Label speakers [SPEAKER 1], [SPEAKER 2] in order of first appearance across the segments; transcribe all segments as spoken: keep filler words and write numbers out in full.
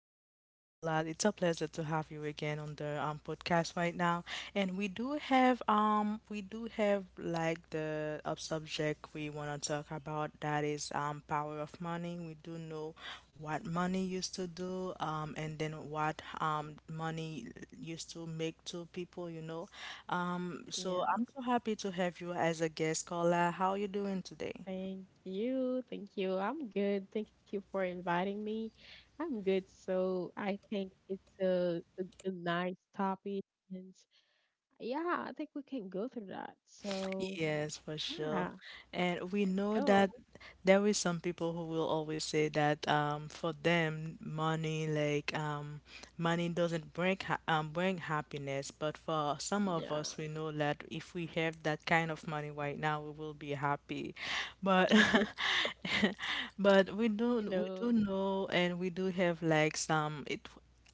[SPEAKER 1] welcome back, Kaula. It's a pleasure to have you again on the um podcast right now. And we do have um we do have like the uh, subject we want to talk about, that is um power of money. We do know what money used to do, um and then what um money used to make to people, you know. Um, so
[SPEAKER 2] Yeah,
[SPEAKER 1] I'm so happy to have you as a guest, Kaula. How are you doing today?
[SPEAKER 2] thank you. Thank you. I'm good. Thank you for inviting me. I'm good. So I think it's a, a, a nice topic. And yeah, I think we can go through that. So
[SPEAKER 1] Yes, for sure.
[SPEAKER 2] yeah,
[SPEAKER 1] And we
[SPEAKER 2] let's
[SPEAKER 1] know that
[SPEAKER 2] go.
[SPEAKER 1] there is some people who will always say that um for them money like um money doesn't bring ha um bring happiness, but for some of
[SPEAKER 2] Yeah.
[SPEAKER 1] us we know that if we have that kind of money right now we will be happy. But but we do
[SPEAKER 2] You
[SPEAKER 1] we do
[SPEAKER 2] know,
[SPEAKER 1] know, and we do have like some it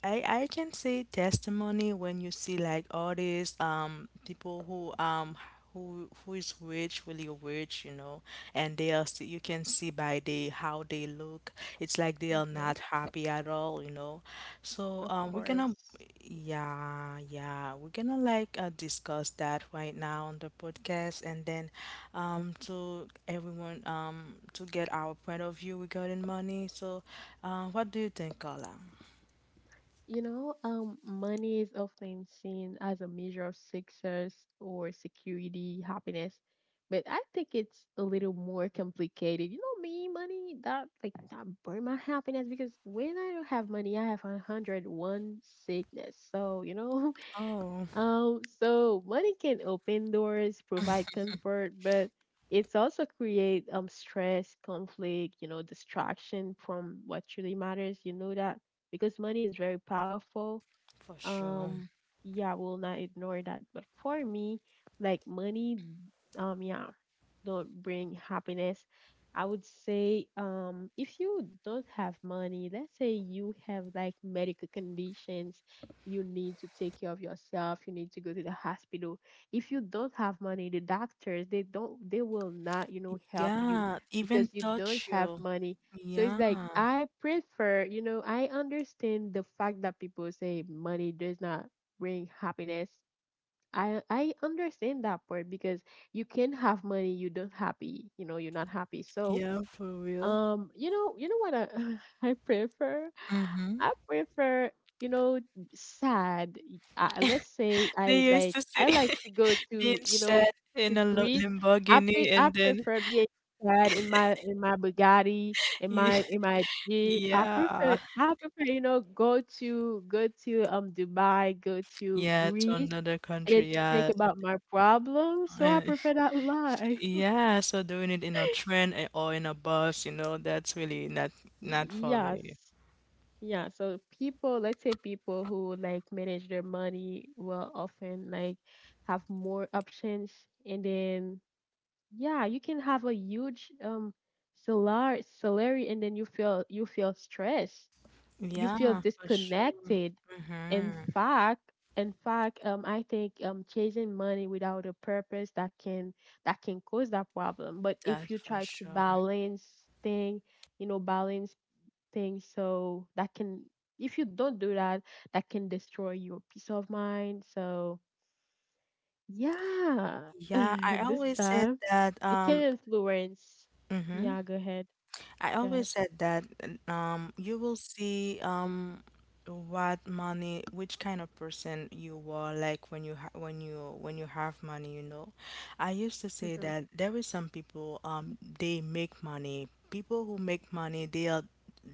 [SPEAKER 1] I, I can say testimony when you see like all these um people who um who who is rich, really rich, you know, and they are still, you can see by they how they look. It's like they are not
[SPEAKER 2] uh-huh,
[SPEAKER 1] happy at all, you know. So
[SPEAKER 2] of
[SPEAKER 1] um, we're gonna,
[SPEAKER 2] course.
[SPEAKER 1] yeah, yeah, we're gonna like uh, discuss that right now on the podcast, and then um, to everyone um to get our point of view regarding money. So, uh, what do you think, Carla?
[SPEAKER 2] You know, um, money is often seen as a measure of success or security, happiness, but I think it's a little more complicated. You know, me, money that like that burn my happiness because when I don't have money, I have a hundred one sickness. So you know,
[SPEAKER 1] Oh,
[SPEAKER 2] um, so money can open doors, provide comfort, but it's also create um stress, conflict, you know, distraction from what truly matters. You know that because money is very powerful,
[SPEAKER 1] for sure.
[SPEAKER 2] um yeah, will not ignore that, but for me, like money, um yeah, don't bring happiness. I would say, um if you don't have money, let's say you have like medical conditions, you need to take care of yourself, you need to go to the hospital. If you don't have money, the doctors, they don't they will not, you know, help you
[SPEAKER 1] Yeah, even
[SPEAKER 2] because you don't
[SPEAKER 1] touch
[SPEAKER 2] have
[SPEAKER 1] you.
[SPEAKER 2] money. So it's
[SPEAKER 1] Yeah,
[SPEAKER 2] like I prefer, you know, I understand the fact that people say money does not bring happiness. I I understand that part because you can have money, you don't happy, you know, you're not happy. So
[SPEAKER 1] yeah, for real.
[SPEAKER 2] um, you know, you know what I I prefer?
[SPEAKER 1] Mhm.
[SPEAKER 2] I prefer, you know, sad. Uh, let's say
[SPEAKER 1] They
[SPEAKER 2] I
[SPEAKER 1] used
[SPEAKER 2] like
[SPEAKER 1] to say
[SPEAKER 2] I like to go to,
[SPEAKER 1] being
[SPEAKER 2] you know,
[SPEAKER 1] shed
[SPEAKER 2] to
[SPEAKER 1] in a lo
[SPEAKER 2] Greece. I
[SPEAKER 1] Lamborghini,
[SPEAKER 2] pre- I
[SPEAKER 1] and then
[SPEAKER 2] prefer being sad in my in my Bugatti, in
[SPEAKER 1] y
[SPEAKER 2] my in my Jeep. I prefer
[SPEAKER 1] yeah,
[SPEAKER 2] I prefer, you know, go to go to um Dubai, go to
[SPEAKER 1] yeah, to
[SPEAKER 2] Greece,
[SPEAKER 1] another
[SPEAKER 2] and then
[SPEAKER 1] country,
[SPEAKER 2] to think
[SPEAKER 1] yeah,
[SPEAKER 2] about my problems. So I
[SPEAKER 1] and
[SPEAKER 2] prefer that life.
[SPEAKER 1] yeah. So doing it in a train a- or in a bus, you know, that's really not not for me.
[SPEAKER 2] Yes. Yeah, so people, let's say people who like manage their money will often like have more options, and then yeah, you can have a huge um salar salary, and then you feel you feel stressed. You feel
[SPEAKER 1] Yeah, for sure.
[SPEAKER 2] disconnected. In
[SPEAKER 1] Mm-hmm.
[SPEAKER 2] fact, in fact, um I think um chasing money without a purpose, that can that can cause that problem. But if
[SPEAKER 1] That's
[SPEAKER 2] you
[SPEAKER 1] for
[SPEAKER 2] try to
[SPEAKER 1] sure.
[SPEAKER 2] balance thing, you know, balance things. So that can, if you don't do that, that can destroy your peace of mind. So yeah,
[SPEAKER 1] Yeah, I
[SPEAKER 2] this
[SPEAKER 1] always said
[SPEAKER 2] time
[SPEAKER 1] that.
[SPEAKER 2] it
[SPEAKER 1] Um.
[SPEAKER 2] can influence.
[SPEAKER 1] Mhm.
[SPEAKER 2] Yeah, go ahead.
[SPEAKER 1] I
[SPEAKER 2] Go ahead.
[SPEAKER 1] always said that um, you will see, um, what money, which kind of person you are like when you ha when you when you have money, you know. I used to say
[SPEAKER 2] Mm-hmm,
[SPEAKER 1] that there is some people, um they make money. People who make money, they are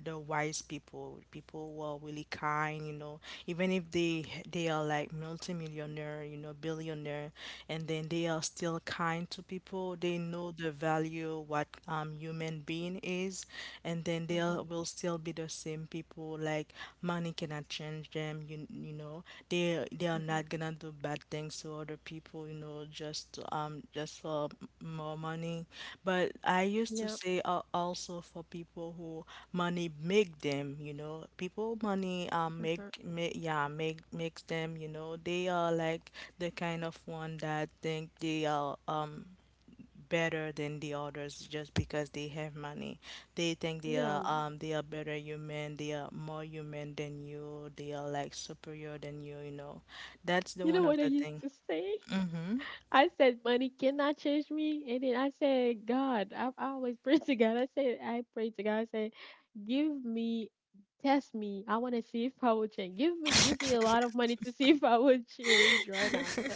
[SPEAKER 1] the wise people, people who are really kind, you know, even if they they are like multimillionaire, you know, billionaire, and then they are still kind to people. They know the value what um human being is, and then they
[SPEAKER 2] mm-hmm,
[SPEAKER 1] are- will still be the same people. Like money cannot change them. You you know they they are
[SPEAKER 2] mm-hmm.
[SPEAKER 1] not gonna do bad things to other people. You know, just um just for more money. But I used to
[SPEAKER 2] Yeah,
[SPEAKER 1] say, uh, also for people who money make them, you know, people money um
[SPEAKER 2] mm-hmm,
[SPEAKER 1] make, make yeah make makes them, you know, they are like the kind of one that think they are um better than the others just because they have money. They think they
[SPEAKER 2] yeah.
[SPEAKER 1] are um they are better human, they are more human than you, they are like superior than you, you know. That's the
[SPEAKER 2] You
[SPEAKER 1] one
[SPEAKER 2] know
[SPEAKER 1] of
[SPEAKER 2] what I
[SPEAKER 1] the
[SPEAKER 2] used
[SPEAKER 1] thing.
[SPEAKER 2] to say?
[SPEAKER 1] Mm-hmm.
[SPEAKER 2] I said, money cannot change me. And then I said, God, I, I always pray to God. I said, I pray to God. I said, give me, test me. I want to see if I will change. Give me, give me a lot of money to see if I will change right now. So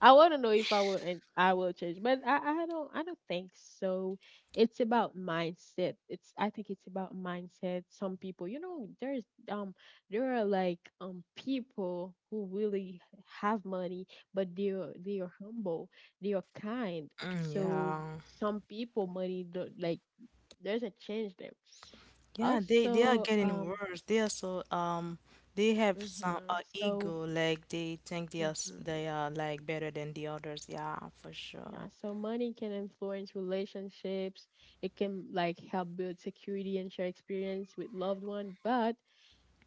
[SPEAKER 2] I want to know if I will, and I will change. But I, I don't, I don't think so. It's about mindset. It's, I think it's about mindset. Some people, you know, there's, um, there are like, um, people who really have money, but they are, they are humble, they are kind.
[SPEAKER 1] Mm,
[SPEAKER 2] So
[SPEAKER 1] yeah.
[SPEAKER 2] some people money don't like doesn't change them.
[SPEAKER 1] Yeah, they they are
[SPEAKER 2] Also,
[SPEAKER 1] getting
[SPEAKER 2] um,
[SPEAKER 1] worse. They are so um they have some
[SPEAKER 2] mhm,
[SPEAKER 1] uh,
[SPEAKER 2] so
[SPEAKER 1] ego, like they think they are s-
[SPEAKER 2] mhm,
[SPEAKER 1] they are like better than the others. Yeah, for
[SPEAKER 2] yeah,
[SPEAKER 1] sure.
[SPEAKER 2] so money can influence relationships. It can like help build security and share experience with loved one, but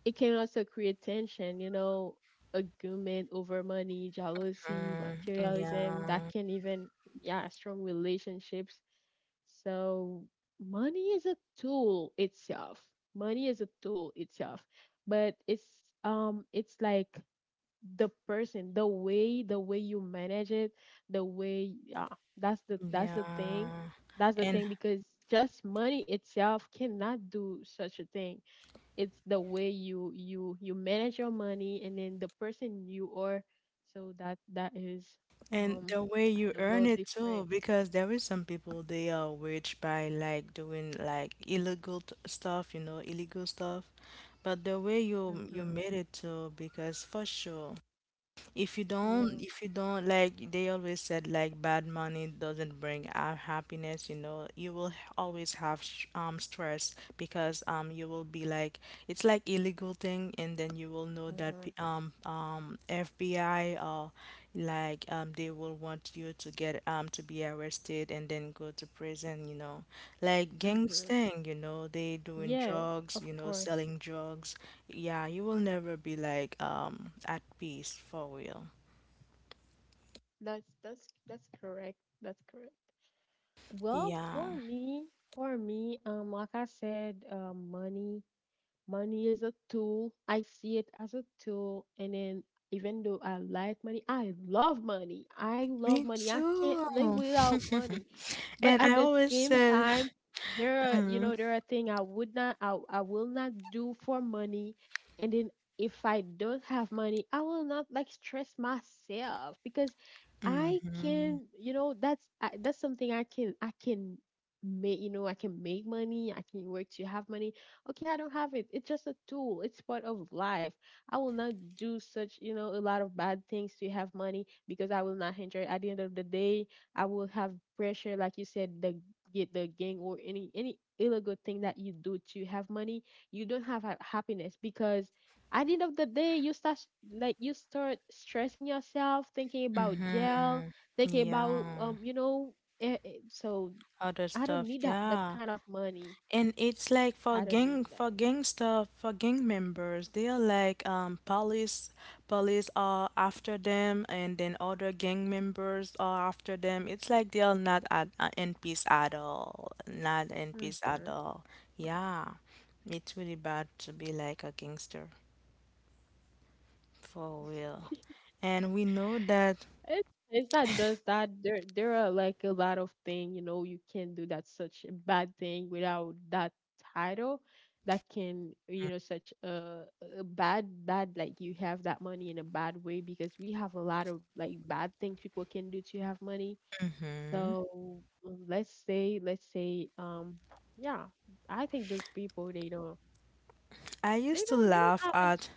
[SPEAKER 2] it can also create tension. You know, argument over money, jealousy,
[SPEAKER 1] Mm,
[SPEAKER 2] materialism, that
[SPEAKER 1] yeah,
[SPEAKER 2] can even yeah strong relationships. So money is a tool itself. Money is a tool itself, but it's um it's like the person, the way the way you manage it, the way, yeah, that's the that's the thing.
[SPEAKER 1] yeah.
[SPEAKER 2] That's the
[SPEAKER 1] And
[SPEAKER 2] thing because just money itself cannot do such a thing. It's the way you you you manage your money, and then the person you are. So that that is,
[SPEAKER 1] and
[SPEAKER 2] um
[SPEAKER 1] the way
[SPEAKER 2] yeah,
[SPEAKER 1] you
[SPEAKER 2] the
[SPEAKER 1] earn
[SPEAKER 2] world
[SPEAKER 1] it too,
[SPEAKER 2] different.
[SPEAKER 1] because there is some people they are rich by like doing like illegal t- stuff, you know, illegal stuff. But the way you you
[SPEAKER 2] Mhm.
[SPEAKER 1] made it too, because for sure, if you don't,
[SPEAKER 2] Yeah.
[SPEAKER 1] if you don't, like they always said, like bad money doesn't bring uh, happiness, you know, you will h- always have sh um stress, because um you will be like it's like illegal thing, and then you will know that p-
[SPEAKER 2] Mhm.
[SPEAKER 1] um um F B I or like um they will want you to get um to be arrested and then go to prison, you know. Like gangs
[SPEAKER 2] Mm-hmm.
[SPEAKER 1] thing, you know, they doing
[SPEAKER 2] Yeah,
[SPEAKER 1] drugs,
[SPEAKER 2] of
[SPEAKER 1] you know,
[SPEAKER 2] course.
[SPEAKER 1] selling drugs, yeah, you will never be like um at peace for real.
[SPEAKER 2] That's that's that's correct. That's correct. Well,
[SPEAKER 1] Yeah.
[SPEAKER 2] for me, for me, um, like I said, uh, money. Money is a tool. I see it as a tool. And then, even though I like money, I love money. I love
[SPEAKER 1] Me
[SPEAKER 2] money. I can't
[SPEAKER 1] too.
[SPEAKER 2] live without money. But
[SPEAKER 1] And
[SPEAKER 2] at
[SPEAKER 1] I
[SPEAKER 2] the
[SPEAKER 1] always
[SPEAKER 2] same
[SPEAKER 1] said,
[SPEAKER 2] time, there are, you
[SPEAKER 1] mm,
[SPEAKER 2] know, there are things I would not, I, I will not do for money. And then, if I don't have money, I will not like stress myself because I
[SPEAKER 1] mm-hmm,
[SPEAKER 2] can, you know, that's I, that's something I can, I can make, you know, I can make money. I can work to have money. Okay, I don't have it. It's just a tool. It's part of life. I will not do such, you know, a lot of bad things to have money because I will not enjoy. It. At the end of the day, I will have pressure, like you said, the get the gang, or any any illegal thing that you do to have money. You don't have ha- happiness because at the end of the day, you start s- like you start stressing yourself, thinking about jail,
[SPEAKER 1] mm-hmm,
[SPEAKER 2] thinking about,
[SPEAKER 1] yeah,
[SPEAKER 2] um, you know, eh, eh, so
[SPEAKER 1] other
[SPEAKER 2] I don't
[SPEAKER 1] stuff,
[SPEAKER 2] need that that
[SPEAKER 1] yeah.
[SPEAKER 2] kind of money.
[SPEAKER 1] And it's like for
[SPEAKER 2] I don't
[SPEAKER 1] gang
[SPEAKER 2] need that.
[SPEAKER 1] for gangster for gang members, they are like um police police are after them, and then other gang members are after them. It's like they are not at uh, in peace at all. Not in peace at
[SPEAKER 2] Mhm.
[SPEAKER 1] all. Yeah. It's really bad to be like a gangster for real. And we know that
[SPEAKER 2] It, it's not just that there there are like a lot of things you know you can do that's such a bad thing without that title that can, you know such a, a bad bad, like you have that money in a bad way because we have a lot of like bad things people can do to have money.
[SPEAKER 1] mhm.
[SPEAKER 2] So um, let's say let's say, um yeah, I think those people they don't,
[SPEAKER 1] I
[SPEAKER 2] they
[SPEAKER 1] used to
[SPEAKER 2] don't they don't
[SPEAKER 1] laugh
[SPEAKER 2] have any,
[SPEAKER 1] at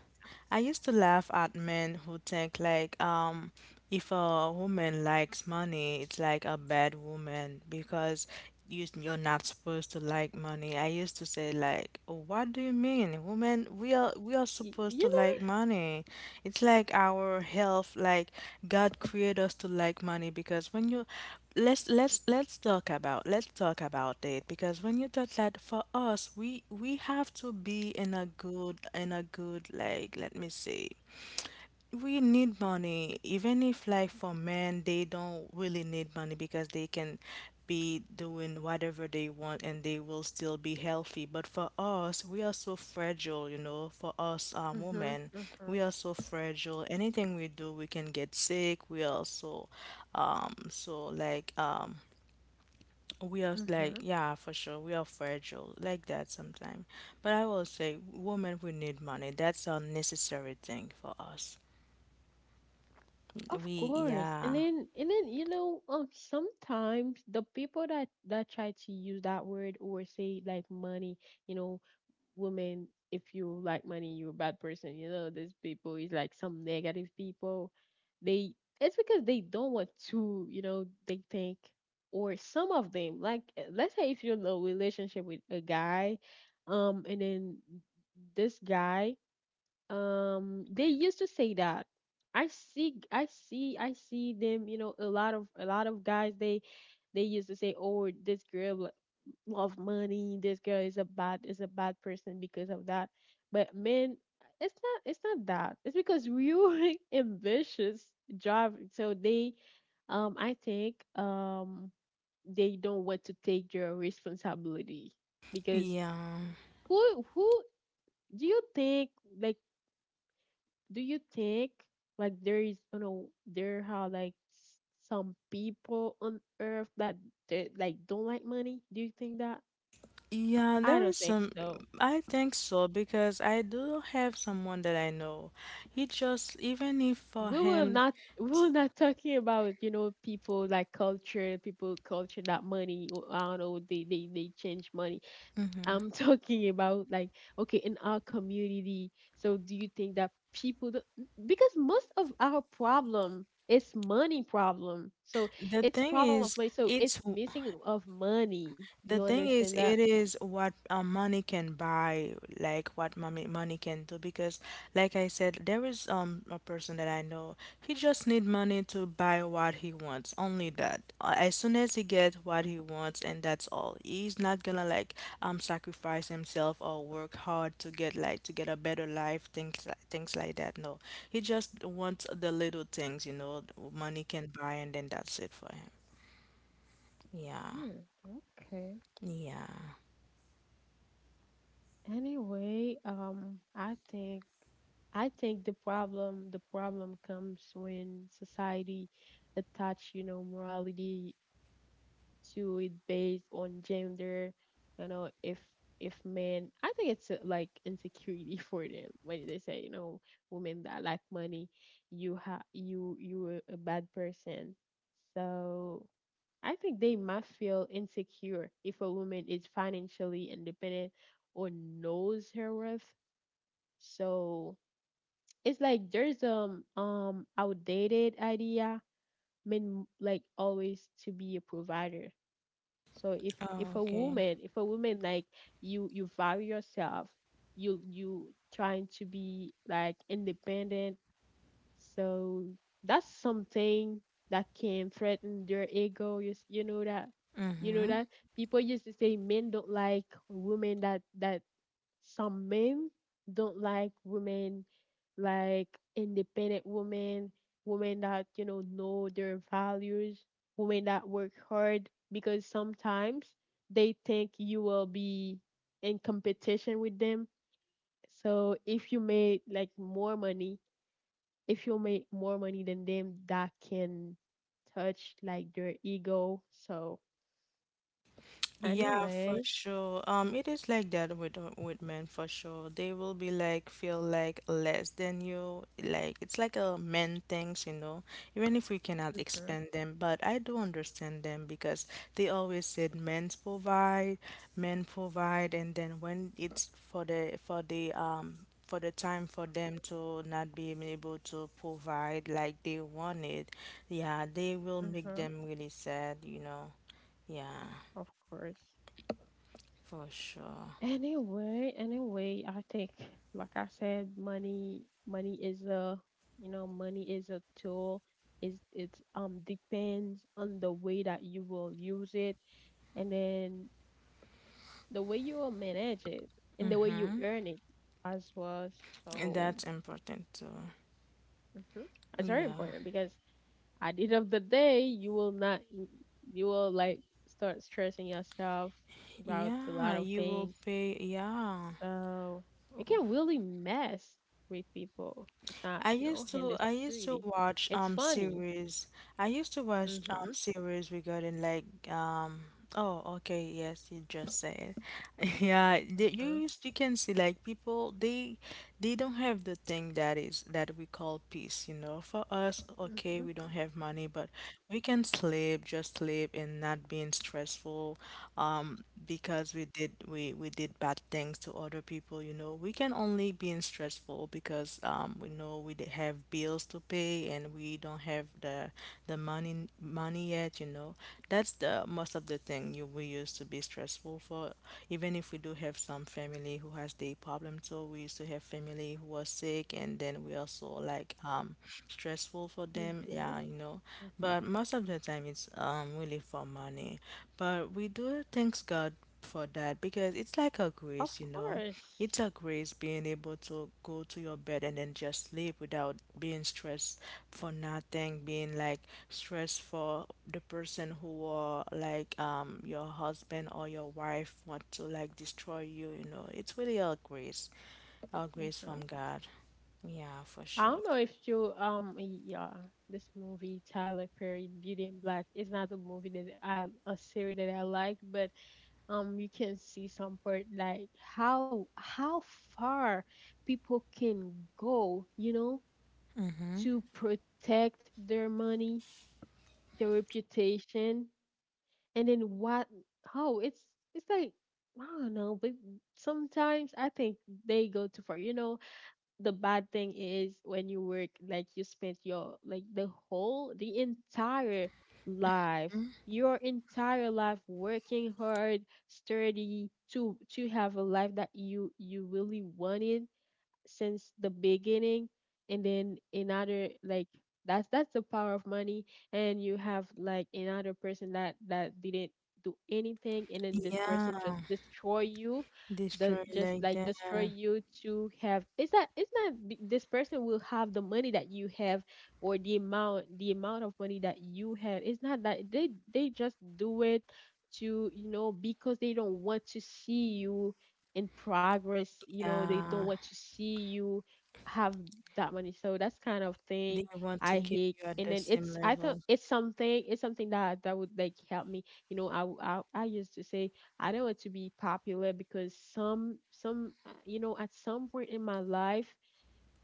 [SPEAKER 1] I used to laugh at men who think like um if a woman likes money, it's like a bad woman, because you, you're not supposed to like money. I used to say like, "Oh, what do you mean? Women, we are we are
[SPEAKER 2] y-
[SPEAKER 1] supposed to
[SPEAKER 2] you know.
[SPEAKER 1] like money. It's like our health, like God created us to like money. Because when you let's let's let's talk about let's talk about it because when you talk that, for us we we have to be in a good in a good like, let me see, we need money. Even if like for men they don't really need money because they can be doing whatever they want and they will still be healthy, but for us we are so fragile, you know, for us, um, women,
[SPEAKER 2] Mhm.
[SPEAKER 1] we are
[SPEAKER 2] Mhm.
[SPEAKER 1] so fragile, anything we do we can get sick, we are so um so like um we are like,
[SPEAKER 2] Mhm.
[SPEAKER 1] yeah, for sure we are fragile like that sometimes, but I will say women, we need money, that's a necessary thing for us.
[SPEAKER 2] Of
[SPEAKER 1] We,
[SPEAKER 2] course. And
[SPEAKER 1] yeah,
[SPEAKER 2] then and then you know, um sometimes the people that that try to use that word or say, like, money, you know, women, if you like money you're a bad person, you know, these people is like some negative people. They, it's because they don't want to, you know, they think, or some of them, like, uh, let's say if you're in a relationship with a guy, um and then this guy, um they used to say that i see i see I see them, you know a lot of a lot of guys, they they used to say, oh, this girl lo- love money, this girl is a bad is a bad person because of that. But men, it's not it's not that, it's because we're ambitious drive, so they, um I think, um they don't want to take their responsibility because
[SPEAKER 1] yeah,
[SPEAKER 2] who who do you think, like, do you think like there is, you know, there are like, s- some people on earth that they, like, don't like money. Do you think that?
[SPEAKER 1] yeah,
[SPEAKER 2] I
[SPEAKER 1] there
[SPEAKER 2] don't
[SPEAKER 1] is
[SPEAKER 2] think
[SPEAKER 1] some.
[SPEAKER 2] so.
[SPEAKER 1] I think so, because I do have someone that I know. He just, even if for
[SPEAKER 2] We will
[SPEAKER 1] him,
[SPEAKER 2] not we
[SPEAKER 1] t-
[SPEAKER 2] will not talking about, you know, people like culture, people culture that money, I don't know, they they, they change money.
[SPEAKER 1] mhm,
[SPEAKER 2] I'm talking about, like, okay, in our community. So do you think that people do- because most of our problem is money problem. So
[SPEAKER 1] the
[SPEAKER 2] it's
[SPEAKER 1] thing
[SPEAKER 2] problem of
[SPEAKER 1] is,
[SPEAKER 2] money. So
[SPEAKER 1] it's
[SPEAKER 2] it's missing of money. You
[SPEAKER 1] the thing
[SPEAKER 2] understand
[SPEAKER 1] is,
[SPEAKER 2] that?
[SPEAKER 1] it is what uh, money can buy, like what money money can do. Because, like I said, there is um a person that I know. He just need money to buy what he wants, only that. Uh, As soon as he get what he wants, and that's all. He's not gonna like um sacrifice himself or work hard to get like to get a better life, things like things like that. No, he just wants the little things, you know, money can buy, and then that's it for him. Yeah,
[SPEAKER 2] Hmm. Okay.
[SPEAKER 1] yeah.
[SPEAKER 2] Anyway, um I think, I think the problem, the problem comes when society attach, you know, morality to it based on gender. You know, if if men, I think it's, uh, like, insecurity for them when they say, you know, women that lack money, you ha you you a a bad person. So I think they must feel insecure if a woman is financially independent or knows her worth. So it's like there's um um outdated idea, men like always to be a provider. So if if a
[SPEAKER 1] Okay.
[SPEAKER 2] woman, if a woman like, you you value yourself, you you trying to be like independent, so that's something that can threaten their ego. You, s- you know that, you know
[SPEAKER 1] Mm-hmm.
[SPEAKER 2] that people used to say men don't like women that that some men don't like women, like, independent women, women that, you know, know their values, women that work hard because sometimes they think you will be in competition with them. So if you make like more money, if you make more money than them, that can touch like their ego. So
[SPEAKER 1] Yeah, for
[SPEAKER 2] anyway,
[SPEAKER 1] sure. Um, it is like that with uh, with men for sure. They will be like feel like less than you. Like it's like a men things, you know. Even if we cannot
[SPEAKER 2] mhm,
[SPEAKER 1] explain them, but I do understand them, because they always said men provide, men provide, and then when it's for the for the um for the time for them to not being able to provide like they wanted, yeah, they will make
[SPEAKER 2] mhm,
[SPEAKER 1] them really sad, you know. Yeah.
[SPEAKER 2] of course.
[SPEAKER 1] For sure.
[SPEAKER 2] Anyway, anyway, I think, like I said, money, money is a, you know, money is a tool. It's, it um depends on the way that you will use it, and then the way you will manage it, and the way you earn it as well.
[SPEAKER 1] And
[SPEAKER 2] So
[SPEAKER 1] that's important too.
[SPEAKER 2] mhm, it's very
[SPEAKER 1] Yeah.
[SPEAKER 2] important because at the end of the day, you will not, you will like start stressing yourself about a lot
[SPEAKER 1] Yeah,
[SPEAKER 2] of
[SPEAKER 1] you will
[SPEAKER 2] things.
[SPEAKER 1] pay. Yeah.
[SPEAKER 2] So it can really mess with people. It's not,
[SPEAKER 1] I
[SPEAKER 2] you know,
[SPEAKER 1] used to
[SPEAKER 2] handle
[SPEAKER 1] I used to
[SPEAKER 2] security.
[SPEAKER 1] watch
[SPEAKER 2] It's
[SPEAKER 1] um
[SPEAKER 2] funny.
[SPEAKER 1] series. I used to watch um
[SPEAKER 2] Mhm.
[SPEAKER 1] series regarding like um oh okay, yes, you just said it. Yeah, the, you
[SPEAKER 2] Mhm.
[SPEAKER 1] used- you can see like people, they they don't have the thing that is that we call peace, you know. For us, okay,
[SPEAKER 2] Mhm.
[SPEAKER 1] we don't have money, but we can sleep, just sleep and not being stressful, um, because we did we we did bad things to other people. You know, we can only be in stressful because, um, we know we d- have bills to pay and we don't have the the money money yet. You know, that's the most of the thing you we used to be stressful for. Even if we do have some family who has the problem, so we used to have family who was sick, and then we also like um stressful for
[SPEAKER 2] Mhm.
[SPEAKER 1] them. Yeah, you know.
[SPEAKER 2] Mhm.
[SPEAKER 1] But most of the time, it's um really for money. But we do thanks God for that, because it's like a
[SPEAKER 2] Of
[SPEAKER 1] grace, you know.
[SPEAKER 2] course.
[SPEAKER 1] It's a grace being able to go to your bed and then just sleep without being stressed for nothing, being like stressed for the person who are like um your husband or your wife want to like destroy you, you know. It's really a grace, a grace from
[SPEAKER 2] Mhm.
[SPEAKER 1] God. Yeah, for
[SPEAKER 2] I
[SPEAKER 1] sure.
[SPEAKER 2] don't know if you um yeah, this movie Tyler Perry Beauty and Black is not a movie that I a series that I like, but um you can see some part like how how far people can go, you know,
[SPEAKER 1] Mm-hmm.
[SPEAKER 2] to protect their money, their reputation, and then what? How it's it's like I don't know, but sometimes I think they go too far. You know, the bad thing is when you work, like you spent your, like, the whole the entire life, your entire life working hard, sturdy to to have a life that you you really wanted since the beginning, and then another like that's that's the power of money, and you have, like, another person that that didn't do anything, and then this
[SPEAKER 1] Yeah.
[SPEAKER 2] person just destroy you. The
[SPEAKER 1] Destroy
[SPEAKER 2] just
[SPEAKER 1] like
[SPEAKER 2] like
[SPEAKER 1] that.
[SPEAKER 2] destroy you to have it's not it's not b- This person will have the money that you have, or the amount the amount of money that you have. It's not that they they just do it to, you know because they don't want to see you in progress. You know they
[SPEAKER 1] Yeah.
[SPEAKER 2] don't want to see you have that money. So that's kind of
[SPEAKER 1] They
[SPEAKER 2] thing
[SPEAKER 1] want to
[SPEAKER 2] I
[SPEAKER 1] keep
[SPEAKER 2] hate.
[SPEAKER 1] you at the
[SPEAKER 2] And then
[SPEAKER 1] same
[SPEAKER 2] it's I thought
[SPEAKER 1] level.
[SPEAKER 2] it's something it's something that that would, like, help me. you know i w- i, I used to say I don't want to be popular because some some uh, you know at some point in my life,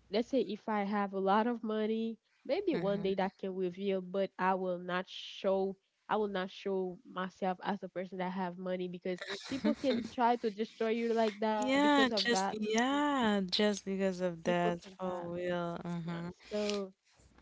[SPEAKER 2] let's say if I have a lot of money, maybe one day
[SPEAKER 1] Hmm.
[SPEAKER 2] that can reveal, but I will not show I will not show myself as a person that have money, because people can try to destroy you like that because
[SPEAKER 1] Yeah,
[SPEAKER 2] of that.
[SPEAKER 1] just
[SPEAKER 2] Mhm.
[SPEAKER 1] yeah, just because of
[SPEAKER 2] People
[SPEAKER 1] that,
[SPEAKER 2] can die.
[SPEAKER 1] for real.
[SPEAKER 2] Yeah.
[SPEAKER 1] Hmm.
[SPEAKER 2] So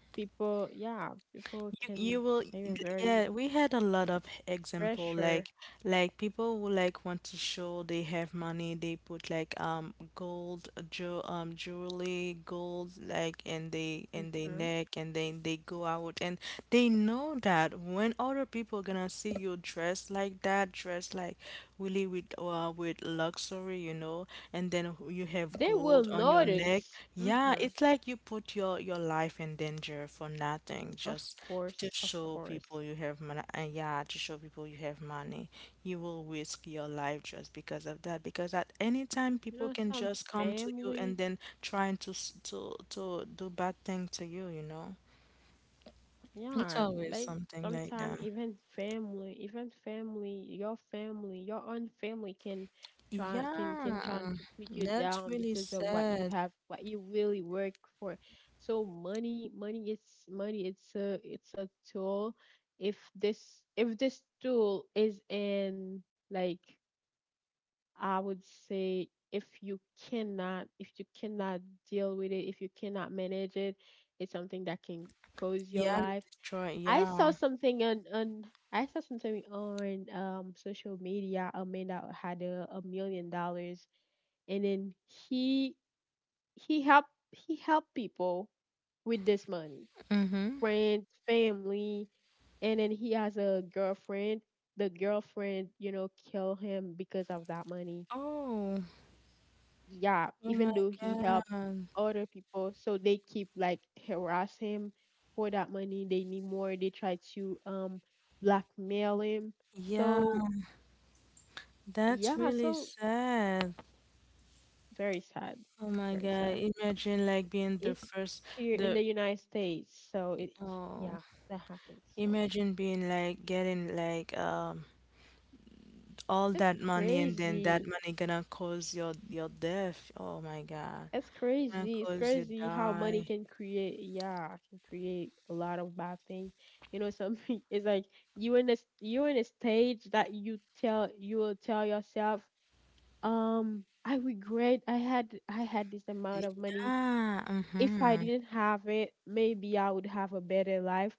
[SPEAKER 2] people, yeah, people
[SPEAKER 1] You,
[SPEAKER 2] can,
[SPEAKER 1] you will,
[SPEAKER 2] even very,
[SPEAKER 1] yeah, we had a lot of example
[SPEAKER 2] pressure.
[SPEAKER 1] like like people who like want to show they have money, they put like um gold jewel um jewelry, gold like in they in their
[SPEAKER 2] Hmm.
[SPEAKER 1] neck, and then they go out, and they know that when other people gonna see you dressed like that, dressed like we live with uh, with luxury, you know, and then you have
[SPEAKER 2] They will
[SPEAKER 1] gold on your neck.
[SPEAKER 2] notice.
[SPEAKER 1] Yeah,
[SPEAKER 2] Hmm.
[SPEAKER 1] it's like you put your your life in danger for nothing,
[SPEAKER 2] Of
[SPEAKER 1] just to
[SPEAKER 2] course, of
[SPEAKER 1] show people
[SPEAKER 2] course.
[SPEAKER 1] you have money. Uh, yeah, to show people you have money. You will risk your life just because of that. Because at any time,
[SPEAKER 2] You know,
[SPEAKER 1] people can
[SPEAKER 2] some
[SPEAKER 1] just come to you
[SPEAKER 2] family,
[SPEAKER 1] and then trying to s- to to do bad thing to you, you know. It's
[SPEAKER 2] yeah,
[SPEAKER 1] always
[SPEAKER 2] like
[SPEAKER 1] something like that.
[SPEAKER 2] sometimes even family, even family, your family, your own family can try can
[SPEAKER 1] Yeah,
[SPEAKER 2] can try to put you
[SPEAKER 1] that's
[SPEAKER 2] down
[SPEAKER 1] really
[SPEAKER 2] because of what you
[SPEAKER 1] sad.
[SPEAKER 2] have, what you really work for. So money, money is money. It's a it's a tool. If this if this tool is, in, like, I would say, if you cannot if you cannot deal with it, if you cannot manage it, it's something that can cause your
[SPEAKER 1] Yeah,
[SPEAKER 2] life.
[SPEAKER 1] Detroit.
[SPEAKER 2] I saw
[SPEAKER 1] Yeah.
[SPEAKER 2] something on on I saw something on um social media. A man that had a, a million dollars, and then he he helped he helped people with this money,
[SPEAKER 1] Mm-hmm.
[SPEAKER 2] friends, family, and then he has a girlfriend. The girlfriend, you know, kill him because of that money,
[SPEAKER 1] Oh,
[SPEAKER 2] yeah,
[SPEAKER 1] oh my
[SPEAKER 2] even though he helped
[SPEAKER 1] God.
[SPEAKER 2] other people, so they keep, like, harass him for that money. They need more. They try to um blackmail him.
[SPEAKER 1] Yeah,
[SPEAKER 2] So
[SPEAKER 1] that's
[SPEAKER 2] yeah,
[SPEAKER 1] really
[SPEAKER 2] so
[SPEAKER 1] sad.
[SPEAKER 2] very sad,
[SPEAKER 1] Oh my
[SPEAKER 2] very
[SPEAKER 1] God.
[SPEAKER 2] sad.
[SPEAKER 1] Imagine like being the
[SPEAKER 2] It's
[SPEAKER 1] first,
[SPEAKER 2] here in
[SPEAKER 1] the,
[SPEAKER 2] the United States, so, it,
[SPEAKER 1] oh,
[SPEAKER 2] yeah, that happens. So
[SPEAKER 1] imagine being like getting like um all
[SPEAKER 2] it's
[SPEAKER 1] that money and then that
[SPEAKER 2] crazy.
[SPEAKER 1] money gonna cause your your death. Oh my God.
[SPEAKER 2] It's
[SPEAKER 1] Gonna
[SPEAKER 2] crazy. It's
[SPEAKER 1] cause you
[SPEAKER 2] crazy how money
[SPEAKER 1] die.
[SPEAKER 2] can create, yeah, can create a lot of bad things. You know, something it's like you in this you in a stage that you tell you will tell yourself, um, I regret I had I had this amount of money.
[SPEAKER 1] Yeah.
[SPEAKER 2] If I
[SPEAKER 1] Mm-hmm.
[SPEAKER 2] didn't have it, maybe I would have a better life.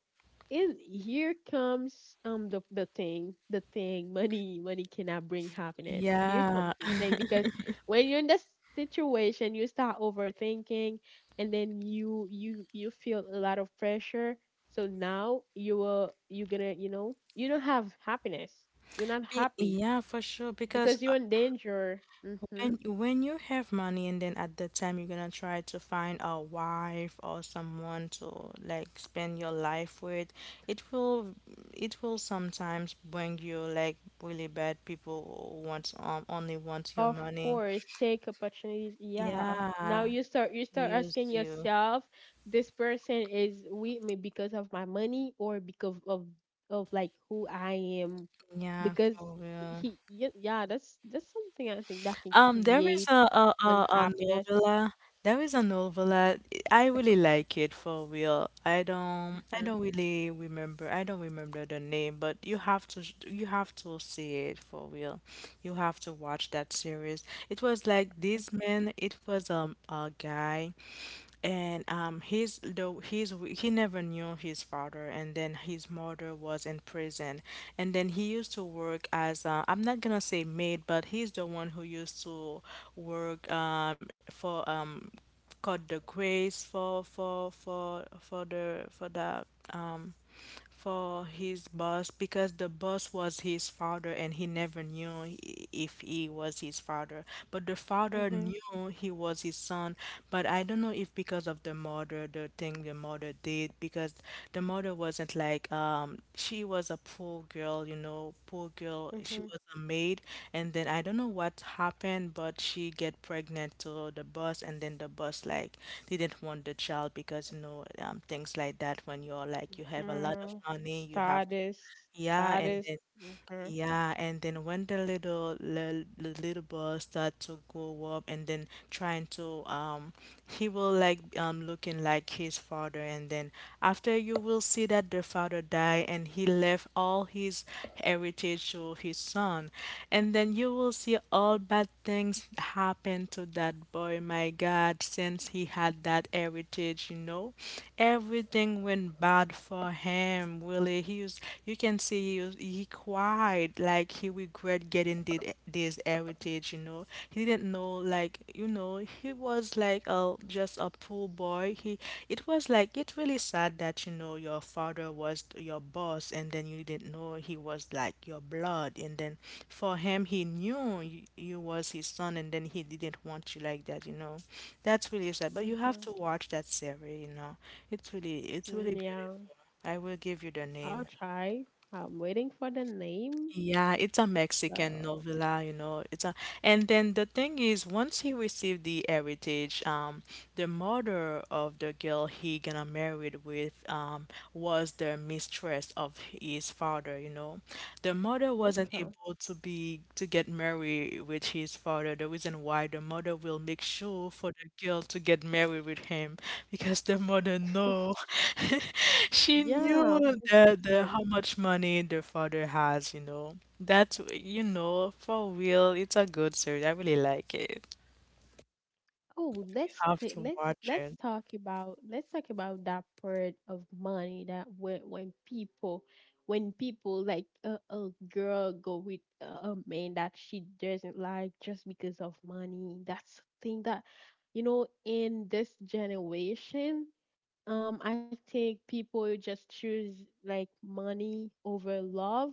[SPEAKER 2] And here comes um the the thing, the thing, money, money cannot bring happiness. Here
[SPEAKER 1] Yeah.
[SPEAKER 2] comes this thing, because when you're in this situation, you start overthinking, and then you you you feel a lot of pressure. So now you are you're gonna, you know you don't have happiness. You're not
[SPEAKER 1] Be-
[SPEAKER 2] happy
[SPEAKER 1] yeah, for sure. Because
[SPEAKER 2] because you're in danger. Hmm.
[SPEAKER 1] When when you have money and then at that time you're gonna try to find a wife or someone to like spend your life with, it will it will sometimes bring you like really bad people who want um only want your
[SPEAKER 2] Of
[SPEAKER 1] money.
[SPEAKER 2] course, take opportunities. Yeah. Now
[SPEAKER 1] Yeah,
[SPEAKER 2] you start you start
[SPEAKER 1] use
[SPEAKER 2] asking
[SPEAKER 1] you.
[SPEAKER 2] yourself, this person is with me because of my money, or because of of, like, who I am,
[SPEAKER 1] Yeah,
[SPEAKER 2] because
[SPEAKER 1] for real.
[SPEAKER 2] he y- yeah, that's that's something I think that can
[SPEAKER 1] Um, there is
[SPEAKER 2] create
[SPEAKER 1] a a, a, a
[SPEAKER 2] unhappiness.
[SPEAKER 1] novella. There is a novella. I really like it for real. I don't I
[SPEAKER 2] Mhm.
[SPEAKER 1] don't really remember. I don't remember the name, but you have to you have to see it for real. You have to watch that series. It was like this man. It was um a guy and um, his though his he never knew his father, and then his mother was in prison, and then he used to work as uh, I'm not gonna say maid, but he's the one who used to work um, for um, called the grace for for for for the for the um for his boss because the boss was his father and he never knew i- if he was his father. But the father
[SPEAKER 2] Mhm.
[SPEAKER 1] knew he was his son. But I don't know if because of the mother, the thing the mother did, because the mother wasn't like, um, she was a poor girl, you know, poor girl. She
[SPEAKER 2] Mhm.
[SPEAKER 1] was a maid, and then I don't know what happened, but she get pregnant to the boss, and then the boss like didn't want the child because you know um, things like that. When you're like you have a lot of
[SPEAKER 2] Mhm.
[SPEAKER 1] money, you have
[SPEAKER 2] Status.
[SPEAKER 1] yeah, and
[SPEAKER 2] Status.
[SPEAKER 1] then
[SPEAKER 2] Mhm.
[SPEAKER 1] yeah, and then when the little the, the little boy start to grow up and then trying to um he will like um looking like his father and then after you will see that the father died and he left all his heritage to his son and then you will see all bad things happen to that boy, my God, since he had that heritage, you know, everything went bad for him. Really, he was, you can see he he cried like he regret getting did this heritage, you know. He didn't know, like, you know, he was like a just a poor boy. He, it was like it really sad that you know your father was your boss and then you didn't know he was like your blood and then for him he knew you, you was his son and then he didn't want you like that, you know. That's really sad. But you have
[SPEAKER 2] Mhm.
[SPEAKER 1] to watch that series, you know. It's really it's really
[SPEAKER 2] Yeah.
[SPEAKER 1] beautiful. I will give you the
[SPEAKER 2] I'll
[SPEAKER 1] name.
[SPEAKER 2] try. I'm waiting for the name.
[SPEAKER 1] Yeah, it's a Mexican
[SPEAKER 2] So
[SPEAKER 1] novela, you know. It's a, and then the thing is, once he received the heritage, um, the mother of the girl he gonna married with, um, was the mistress of his father, you know. The mother wasn't
[SPEAKER 2] okay,
[SPEAKER 1] able to be to get married with his father. The reason why the mother will make sure for the girl to get married with him because the mother know, she
[SPEAKER 2] yeah,
[SPEAKER 1] knew the, the
[SPEAKER 2] interesting.
[SPEAKER 1] how much money the father has, you know. That's, you know, for real, it's a good series. I really like it.
[SPEAKER 2] Oh,
[SPEAKER 1] You
[SPEAKER 2] let's
[SPEAKER 1] have
[SPEAKER 2] t-
[SPEAKER 1] to
[SPEAKER 2] let's
[SPEAKER 1] watch
[SPEAKER 2] let's
[SPEAKER 1] it.
[SPEAKER 2] talk about let's talk about that part of money, that when when people, when people like a, a girl go with a, a man that she doesn't like just because of money. That's the thing that you know in this generation, Um, I think people just choose, like, money over love.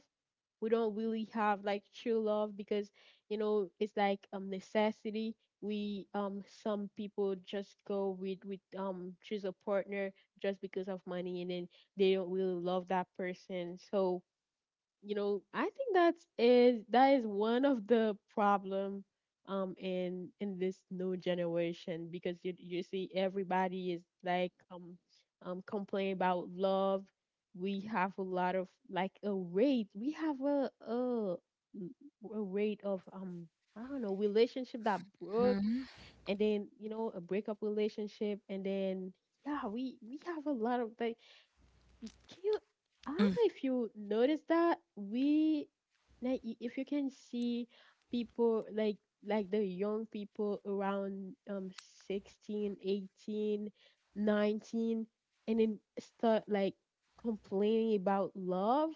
[SPEAKER 2] We don't really have, like, true love, because you know it's like um necessity. We um Some people just go with with um choose a partner just because of money, and then they don't really love that person. So you know I think that's is that is one of the problem, um in in this new generation, because you you see everybody is, like, um um complaining about love. We have a lot of, like, a rate, we have a a, a rate of, um I don't know, relationship that broke,
[SPEAKER 1] Mhm.
[SPEAKER 2] and then, you know a breakup relationship, and then yeah, we we have a lot of like. Y- Can you, I don't
[SPEAKER 1] Mm.
[SPEAKER 2] know if you notice that we, like, i- if you can see people like like the young people around um sixteen, eighteen, nineteen, and then start, like, complaining about love,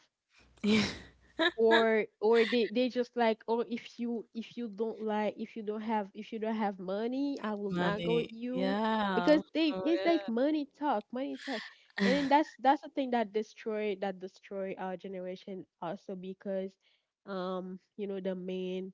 [SPEAKER 2] or or they they just, like, oh, if you if you don't like if you don't have if you don't have money, I will not go
[SPEAKER 1] Money.
[SPEAKER 2] with you,
[SPEAKER 1] Yeah.
[SPEAKER 2] because they
[SPEAKER 1] For
[SPEAKER 2] it's like, money talk, money talk.
[SPEAKER 1] real.
[SPEAKER 2] And then that's that's the thing that destroy, that destroy our generation also, because um you know the men,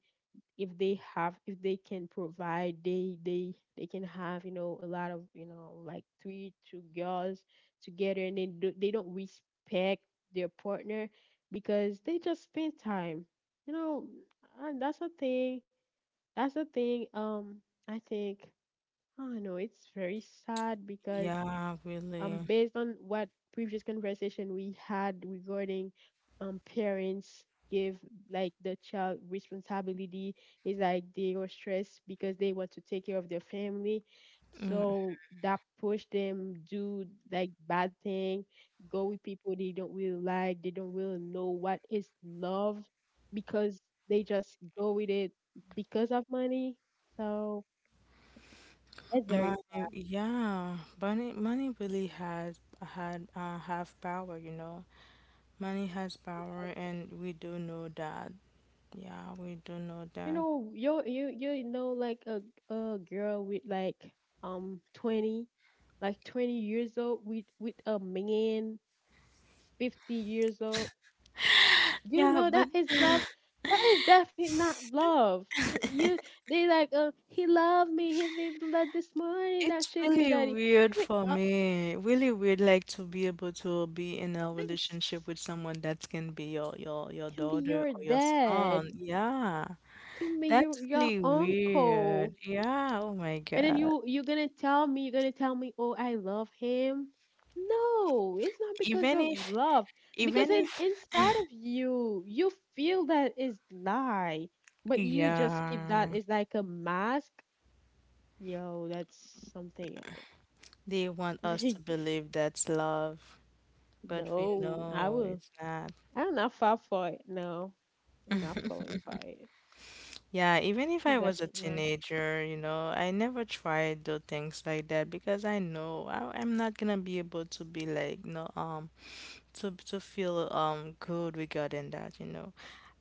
[SPEAKER 2] if they have, if they can provide, they they they can have, you know a lot of, you know like three two girls together. And they do, they don't respect their partner because they just spend time, you know and that's a thing that's a thing, um I think, I don't know, it's very sad because,
[SPEAKER 1] Yeah,
[SPEAKER 2] um,
[SPEAKER 1] really.
[SPEAKER 2] based on what previous conversation we had regarding, um, parents give, like, the child responsibility. Is like they are stressed because they want to take care of their family,
[SPEAKER 1] Mm.
[SPEAKER 2] so that push them do, like, bad thing, go with people they don't really like, they don't really know what is love, because they just go with it because of money. So that's very.
[SPEAKER 1] Money, yeah. Money, money really has had uh, have power, you know. Money has power, and we do know that. Yeah, we do know
[SPEAKER 2] You
[SPEAKER 1] that.
[SPEAKER 2] know, you you you know like a a girl with, like, um twenty, like twenty years old, with with a man fifty years old. You
[SPEAKER 1] Yeah,
[SPEAKER 2] know
[SPEAKER 1] but
[SPEAKER 2] that is love. That is definitely not love. Wh- You they like uh he loved me. He gave me that this morning. That
[SPEAKER 1] it's
[SPEAKER 2] sugar
[SPEAKER 1] really
[SPEAKER 2] daddy.
[SPEAKER 1] weird
[SPEAKER 2] It's like
[SPEAKER 1] for
[SPEAKER 2] uh
[SPEAKER 1] me. Really weird, like to be able to be in a
[SPEAKER 2] this
[SPEAKER 1] relationship with someone that can be your your your
[SPEAKER 2] can be
[SPEAKER 1] daughter
[SPEAKER 2] your
[SPEAKER 1] or your
[SPEAKER 2] dad.
[SPEAKER 1] son. Yeah,
[SPEAKER 2] Can be your
[SPEAKER 1] that's
[SPEAKER 2] your
[SPEAKER 1] really
[SPEAKER 2] uncle.
[SPEAKER 1] weird. Yeah, oh my
[SPEAKER 2] And then
[SPEAKER 1] God.
[SPEAKER 2] you you're gonna tell me you're gonna tell me, oh, I love him. No, it's not because
[SPEAKER 1] Even
[SPEAKER 2] of
[SPEAKER 1] if
[SPEAKER 2] love. Because
[SPEAKER 1] even
[SPEAKER 2] in,
[SPEAKER 1] if
[SPEAKER 2] inside of you, you feel that is lie, but you just keep that
[SPEAKER 1] yeah,
[SPEAKER 2] is like a mask. Yo, that's something
[SPEAKER 1] they want us to
[SPEAKER 2] I
[SPEAKER 1] believe that's love, but we
[SPEAKER 2] no, I
[SPEAKER 1] know
[SPEAKER 2] will.
[SPEAKER 1] it's not.
[SPEAKER 2] I'm not fall for it. No, I'm not falling for it.
[SPEAKER 1] Yeah, even if I
[SPEAKER 2] It's
[SPEAKER 1] was a
[SPEAKER 2] definitely not.
[SPEAKER 1] teenager, you know, I never tried the things like that because I know I, I'm not gonna be able to be like, no, um, to to feel um good regarding that, you know.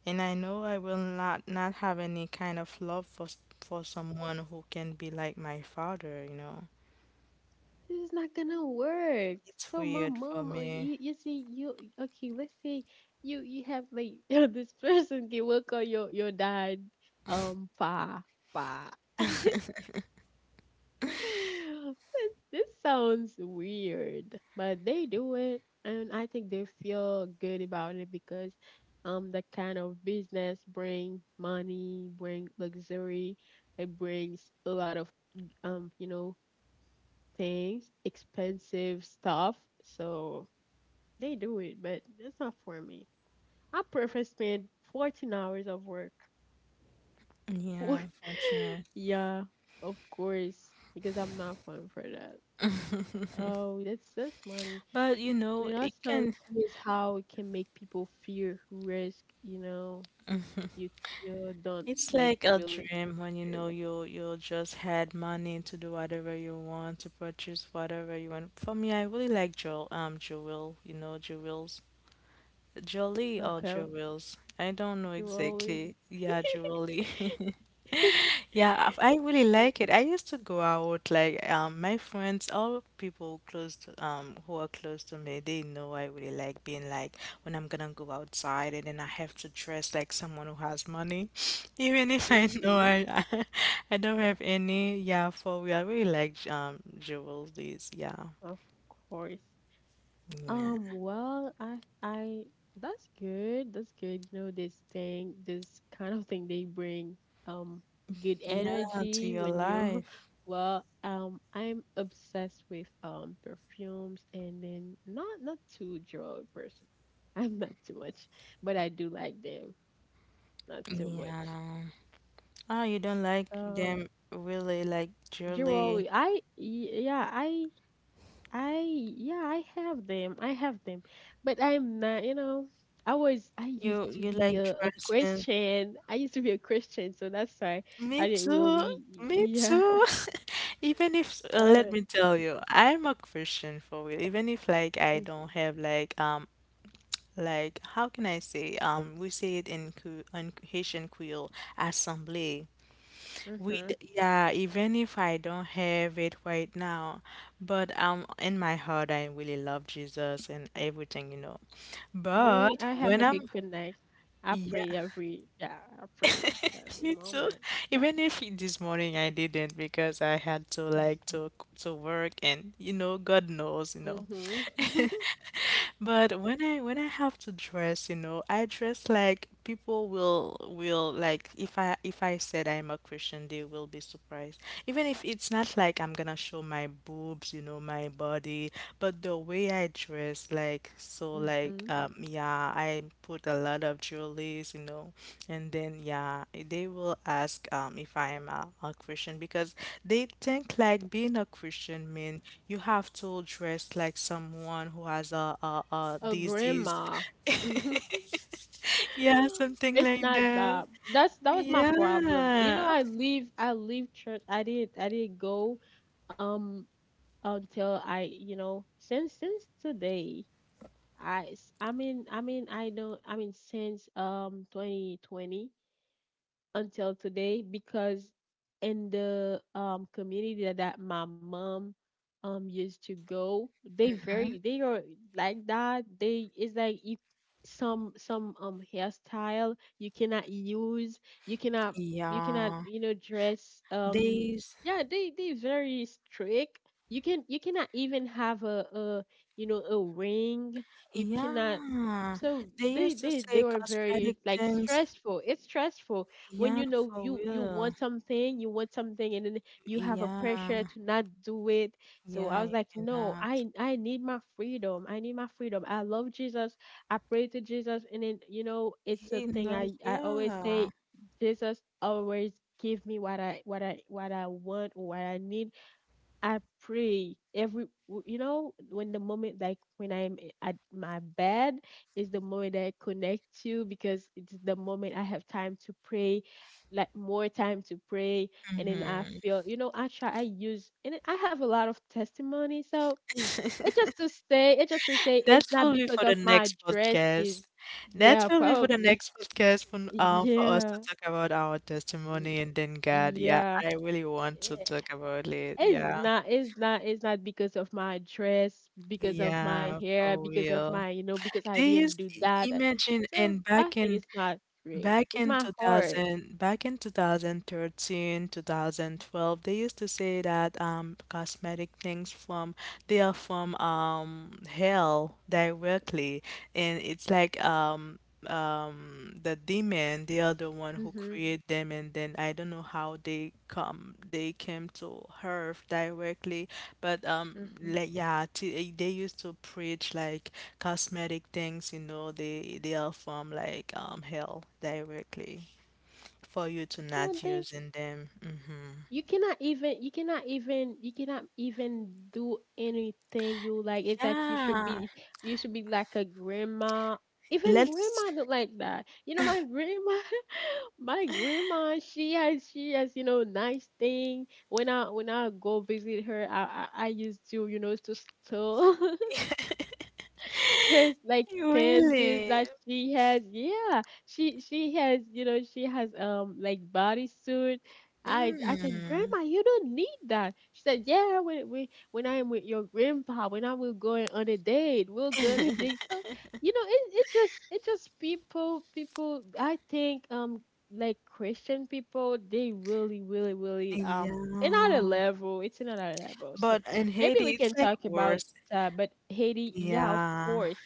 [SPEAKER 1] And I know I will not not have any kind of love for s- for someone who can be like my father, you know.
[SPEAKER 2] This is not gonna work.
[SPEAKER 1] It's
[SPEAKER 2] So my
[SPEAKER 1] weird for
[SPEAKER 2] mom, oh,
[SPEAKER 1] me.
[SPEAKER 2] you, you see, you okay? Let's say you you have like this person can work on your your dad, um, pa pa. this, this sounds weird, but they do it, and I think they feel good about it, because, um, that kind of business bring money, bring luxury. It brings a lot of, um, you know, things, expensive stuff. So they do it, but that's not for me. I prefer spend fourteen hours of work for,
[SPEAKER 1] Yeah, unfortunate.
[SPEAKER 2] yeah, of course, because I'm not fun for that. Oh, that's that's money.
[SPEAKER 1] But you
[SPEAKER 2] And
[SPEAKER 1] know,
[SPEAKER 2] then
[SPEAKER 1] you
[SPEAKER 2] also the
[SPEAKER 1] can,
[SPEAKER 2] thing is how it can make people fear risk. You know, you you don't,
[SPEAKER 1] it's
[SPEAKER 2] like,
[SPEAKER 1] like a
[SPEAKER 2] really
[SPEAKER 1] dream when you
[SPEAKER 2] fear.
[SPEAKER 1] know you'll you'll just had money to do whatever you want, to purchase whatever you want. For me, I really like jewel um jewel, you know, jewels. Jolie or
[SPEAKER 2] Okay,
[SPEAKER 1] jewels. I don't know
[SPEAKER 2] you always.
[SPEAKER 1] exactly. Yeah, jewelry. Yeah, I I really like it. I used to go out like um my friends, all people close to um who are close to me, they know I really like being like when I'm gonna go outside and then I have to dress like someone who has money, even if I know
[SPEAKER 2] Hmm.
[SPEAKER 1] I I don't have any. Yeah, for real, I really like um jewelries. Yeah,
[SPEAKER 2] Of course.
[SPEAKER 1] yeah,
[SPEAKER 2] Um, well, I I that's good. That's good. You know, this thing, this kind of thing they bring um good
[SPEAKER 1] yeah, to
[SPEAKER 2] energy
[SPEAKER 1] your
[SPEAKER 2] when you're
[SPEAKER 1] life.
[SPEAKER 2] well, um I'm obsessed with um perfumes, and then not not too drug person. I'm not too much, but I do like them. Not too much.
[SPEAKER 1] Yeah. Oh, you don't like
[SPEAKER 2] Um,
[SPEAKER 1] them really like jewelry.
[SPEAKER 2] Jewelry. I y- yeah, I I yeah, I have them. I have them. But I'm not, you know, I was I used
[SPEAKER 1] You
[SPEAKER 2] to
[SPEAKER 1] you
[SPEAKER 2] be
[SPEAKER 1] like
[SPEAKER 2] a, a
[SPEAKER 1] dresses.
[SPEAKER 2] Christian. I used to be a Christian, so that's why
[SPEAKER 1] Me
[SPEAKER 2] I didn't
[SPEAKER 1] too.
[SPEAKER 2] really.
[SPEAKER 1] Me
[SPEAKER 2] Yeah.
[SPEAKER 1] too. Even if, uh, let
[SPEAKER 2] Uh,
[SPEAKER 1] me tell you, I'm a Christian for real. Even if like I
[SPEAKER 2] mm,
[SPEAKER 1] don't have like um like how can I say um we say it in Cre- in Haitian Creole assemblée. We d-
[SPEAKER 2] mm-hmm.
[SPEAKER 1] yeah. Even if I don't have it right now, but um in my heart I really love Jesus and everything, you know.
[SPEAKER 2] But
[SPEAKER 1] But
[SPEAKER 2] I have
[SPEAKER 1] when
[SPEAKER 2] a
[SPEAKER 1] I'm,
[SPEAKER 2] good connect. I
[SPEAKER 1] yeah.
[SPEAKER 2] pray every yeah, I pray every
[SPEAKER 1] Me too.
[SPEAKER 2] moment. Yeah.
[SPEAKER 1] Even if it- this morning I didn't because I had to like to to work and you know, God knows, you know.
[SPEAKER 2] Mm-hmm.
[SPEAKER 1] But when I when I have to dress, you know, I dress like people will will like if I if I said I'm a Christian, they will be surprised. Even if it's not like I'm gonna show my boobs, you know, my body, but the way I dress, like so like
[SPEAKER 2] Mm-hmm.
[SPEAKER 1] um yeah, I put a lot of jewelries, you know. And then, yeah, they will ask um, if I am a, a Christian because they think like being a Christian mean you have to dress like someone who has a, a, a
[SPEAKER 2] A
[SPEAKER 1] disease.
[SPEAKER 2] grandma.
[SPEAKER 1] Yeah, something
[SPEAKER 2] It's
[SPEAKER 1] like
[SPEAKER 2] not
[SPEAKER 1] that.
[SPEAKER 2] that. That's that was my problem. You know,
[SPEAKER 1] Yeah.
[SPEAKER 2] I leave I leave church. I didn't I didn't go um until I, you know, since since today. I s- I mean I mean I don't I mean since um twenty twenty until today, because in the um community that, that my mom um used to go, they
[SPEAKER 1] Mhm.
[SPEAKER 2] very they are like that. They it's like you, some some um hairstyle you cannot use, you cannot you cannot
[SPEAKER 1] Yeah.
[SPEAKER 2] you know dress. um
[SPEAKER 1] They, s-
[SPEAKER 2] yeah, they they very strict. You can you cannot even have a, a you know a ring. You cannot
[SPEAKER 1] yeah.
[SPEAKER 2] so
[SPEAKER 1] They
[SPEAKER 2] they
[SPEAKER 1] used to
[SPEAKER 2] they they
[SPEAKER 1] say
[SPEAKER 2] were very
[SPEAKER 1] cosmetic
[SPEAKER 2] like
[SPEAKER 1] things.
[SPEAKER 2] stressful, it's stressful when
[SPEAKER 1] Yeah,
[SPEAKER 2] you know
[SPEAKER 1] for
[SPEAKER 2] you you
[SPEAKER 1] real.
[SPEAKER 2] want something, you want something, and then you have a pressure
[SPEAKER 1] Yeah.
[SPEAKER 2] to not do it. So i
[SPEAKER 1] Yeah,
[SPEAKER 2] was
[SPEAKER 1] you
[SPEAKER 2] like no
[SPEAKER 1] cannot.
[SPEAKER 2] i i need my freedom, I need my freedom. I love Jesus, I pray to Jesus, and then you know it's a
[SPEAKER 1] He
[SPEAKER 2] thing
[SPEAKER 1] knows.
[SPEAKER 2] i i always
[SPEAKER 1] Yeah.
[SPEAKER 2] say: Jesus always give me what i what i what i want or what I need. I pray every w- you know, when the moment, like when I'm i- at my bed, is the moment that I connect to, because it's the moment I have time to pray, like more time to pray. And then I
[SPEAKER 1] Mm-hmm.
[SPEAKER 2] feel, you know, I try I use, and then I have a lot of testimony. So it just to say, it just to say,
[SPEAKER 1] That
[SPEAKER 2] it's not
[SPEAKER 1] will be
[SPEAKER 2] because
[SPEAKER 1] for the
[SPEAKER 2] of my
[SPEAKER 1] next podcast.
[SPEAKER 2] dresses.
[SPEAKER 1] That
[SPEAKER 2] Yeah,
[SPEAKER 1] will be for the
[SPEAKER 2] probably.
[SPEAKER 1] next podcast for, um, for us to
[SPEAKER 2] Yeah.
[SPEAKER 1] talk about our
[SPEAKER 2] Y-
[SPEAKER 1] testimony and then God. Yeah,
[SPEAKER 2] yeah.
[SPEAKER 1] I really want to
[SPEAKER 2] Yeah.
[SPEAKER 1] talk about it.
[SPEAKER 2] It's
[SPEAKER 1] Yeah.
[SPEAKER 2] not, it's not, it's not because of my dress, because of my
[SPEAKER 1] Yeah,
[SPEAKER 2] hair,
[SPEAKER 1] for
[SPEAKER 2] because of
[SPEAKER 1] real.
[SPEAKER 2] my, you know, because I
[SPEAKER 1] They
[SPEAKER 2] didn't
[SPEAKER 1] used,
[SPEAKER 2] do
[SPEAKER 1] i-
[SPEAKER 2] that. I-
[SPEAKER 1] imagine,
[SPEAKER 2] So
[SPEAKER 1] and
[SPEAKER 2] I
[SPEAKER 1] back
[SPEAKER 2] think
[SPEAKER 1] in
[SPEAKER 2] it's not great.
[SPEAKER 1] Back
[SPEAKER 2] It's
[SPEAKER 1] in
[SPEAKER 2] my heart.
[SPEAKER 1] two thousand, back in two thousand thirteen, two thousand twelve, they used to say that um cosmetic things from, they are from um hell directly, and it's like um um the demon, they are the one who
[SPEAKER 2] Mm-hmm.
[SPEAKER 1] create them, and then I don't know how they come they came to Earth directly, but um,
[SPEAKER 2] Mm-hmm.
[SPEAKER 1] like yeah, t eh, they used to preach like cosmetic things, you know, they they are from like um hell directly for you to not using them. Mm-hmm.
[SPEAKER 2] you cannot even you cannot even you cannot even do anything you like. It's like you should
[SPEAKER 1] Yeah,
[SPEAKER 2] be, you should be like a grandma. Even
[SPEAKER 1] let's
[SPEAKER 2] grandma look like that. You know, my grandma, my grandma, she has she has you know, nice thing. When i when i go visit her, i i, I used to, you know, to steal her like panties
[SPEAKER 1] really.
[SPEAKER 2] that she has. Yeah, she she has, you know, she has um like bodysuit. I I said,
[SPEAKER 1] Mm,
[SPEAKER 2] Grandma, you don't need that. She said, Yeah, when we when I am with your grandpa, when I will going on a date, we'll go on a date. So you know, it it just it just people people. I think um like Christian people, they really really really um another
[SPEAKER 1] yeah,
[SPEAKER 2] level. It's another level. So
[SPEAKER 1] but in
[SPEAKER 2] maybe
[SPEAKER 1] Haiti,
[SPEAKER 2] we
[SPEAKER 1] it's
[SPEAKER 2] can
[SPEAKER 1] like
[SPEAKER 2] talk about
[SPEAKER 1] worse.
[SPEAKER 2] uh, but Haiti, yeah, of
[SPEAKER 1] Yeah,
[SPEAKER 2] course.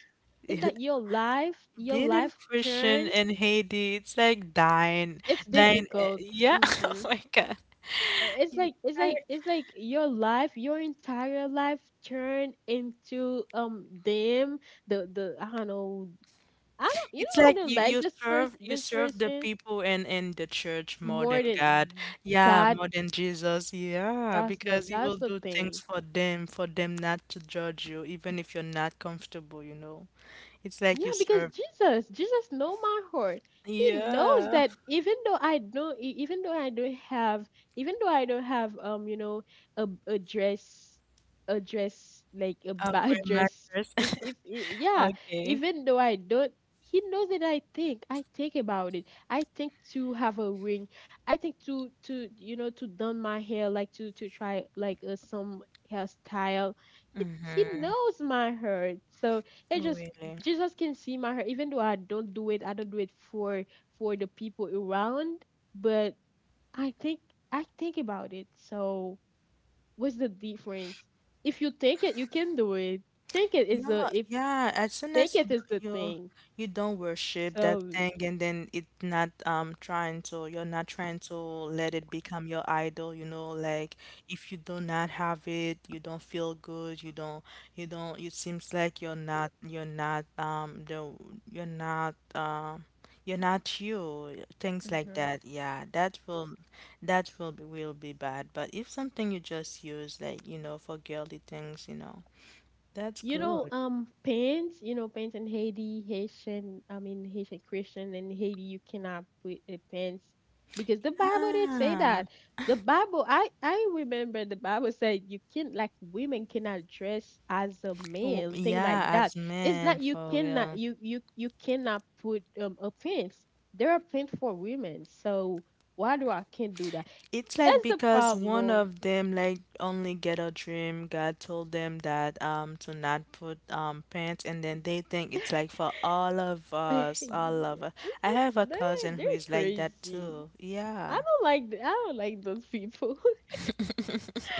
[SPEAKER 2] Is
[SPEAKER 1] It-
[SPEAKER 2] that your life, your
[SPEAKER 1] being in
[SPEAKER 2] life
[SPEAKER 1] Christian
[SPEAKER 2] turn?
[SPEAKER 1] in Haiti, it's like dying,
[SPEAKER 2] It's
[SPEAKER 1] dying. eh,
[SPEAKER 2] difficult.
[SPEAKER 1] Yeah, oh
[SPEAKER 2] Mm-hmm.
[SPEAKER 1] my God.
[SPEAKER 2] It's like it's
[SPEAKER 1] I,
[SPEAKER 2] like it's like your life, your entire life turn into um them. The the I don't know. I don't. You
[SPEAKER 1] it's
[SPEAKER 2] know, I
[SPEAKER 1] like
[SPEAKER 2] don't
[SPEAKER 1] you
[SPEAKER 2] like
[SPEAKER 1] you
[SPEAKER 2] this person.
[SPEAKER 1] serve you
[SPEAKER 2] This
[SPEAKER 1] serve the
[SPEAKER 2] person
[SPEAKER 1] people in in the church more
[SPEAKER 2] more
[SPEAKER 1] than God.
[SPEAKER 2] than
[SPEAKER 1] Yeah,
[SPEAKER 2] God.
[SPEAKER 1] more than Jesus. Yeah,
[SPEAKER 2] That's the
[SPEAKER 1] because you
[SPEAKER 2] that's
[SPEAKER 1] will
[SPEAKER 2] the
[SPEAKER 1] do things
[SPEAKER 2] thing.
[SPEAKER 1] for them, for them not to judge you, even if you're not comfortable, you know. It's like you
[SPEAKER 2] Yeah, because
[SPEAKER 1] serve.
[SPEAKER 2] Jesus, Jesus know my heart. He knows
[SPEAKER 1] Yeah.
[SPEAKER 2] that even though I don't, e- even though I don't have, even though I don't have, um, you know, a a dress, a dress like a
[SPEAKER 1] Oh,
[SPEAKER 2] bad
[SPEAKER 1] great
[SPEAKER 2] dress.
[SPEAKER 1] mattress.
[SPEAKER 2] If if i- yeah,
[SPEAKER 1] Okay.
[SPEAKER 2] even though I don't, he knows that I think. I think about it. I think to have a ring. I think to to you know to done my hair, like to to try like uh, some hairstyle. He he
[SPEAKER 1] Mm-hmm.
[SPEAKER 2] knows my heart, so it just
[SPEAKER 1] Really.
[SPEAKER 2] Jesus can see my heart. Even though I don't do it, I don't do it for for the people around, but I think, I think about it. So what's the difference? If you take it, you can do it. Take it is the
[SPEAKER 1] Yeah,
[SPEAKER 2] if
[SPEAKER 1] yeah. As soon
[SPEAKER 2] take
[SPEAKER 1] as you
[SPEAKER 2] it is
[SPEAKER 1] don't,
[SPEAKER 2] the
[SPEAKER 1] you
[SPEAKER 2] thing.
[SPEAKER 1] you don't worship that
[SPEAKER 2] So
[SPEAKER 1] thing, and then it not um trying to, you're not trying to let it become your idol. You know, like if you do not have it, you don't feel good. You don't, you don't. It seems like you're not you're not um the you're not um you're not you. Things like that. Yeah, that will, that will be will be bad. But if something you just use, like you know, for girly things, you know. That's
[SPEAKER 2] you know,
[SPEAKER 1] good.
[SPEAKER 2] um, paints, you know, paints in Haiti, Haitian, I mean, Haitian Christian in Haiti, you cannot put a paints because the Bible did say
[SPEAKER 1] Ah,
[SPEAKER 2] that. The Bible, I, I remember the Bible said, you can like women cannot dress as a
[SPEAKER 1] w-
[SPEAKER 2] man, thing
[SPEAKER 1] yeah,
[SPEAKER 2] like that.
[SPEAKER 1] as
[SPEAKER 2] It's
[SPEAKER 1] men,
[SPEAKER 2] not you
[SPEAKER 1] for
[SPEAKER 2] cannot
[SPEAKER 1] real.
[SPEAKER 2] you you you cannot put um a pants. There are pants for women, so why do I can't do that?
[SPEAKER 1] It's like
[SPEAKER 2] That's the
[SPEAKER 1] because one
[SPEAKER 2] problem.
[SPEAKER 1] of them like only get a dream. God told them that um to not put um pants, and then they think it's like for all of
[SPEAKER 2] Yeah,
[SPEAKER 1] us, all of us.
[SPEAKER 2] it's
[SPEAKER 1] I have
[SPEAKER 2] a,
[SPEAKER 1] a cousin
[SPEAKER 2] they they're
[SPEAKER 1] who is like that
[SPEAKER 2] crazy.
[SPEAKER 1] too.
[SPEAKER 2] I
[SPEAKER 1] Yeah,
[SPEAKER 2] don't like th- I don't like those people.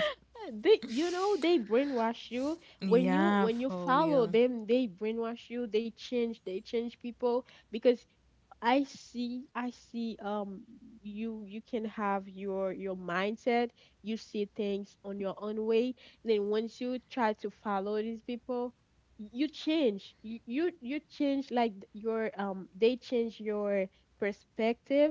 [SPEAKER 2] They, you know, they brainwash you. When you
[SPEAKER 1] yeah,
[SPEAKER 2] when you
[SPEAKER 1] for
[SPEAKER 2] follow
[SPEAKER 1] real.
[SPEAKER 2] them, they brainwash you, they change they change people. Because I see, I see. Um, you you can have your your mindset. You see things on your own way. Then once you try to follow these people, y- you change. You you you change, like th- your um. They change your perspective,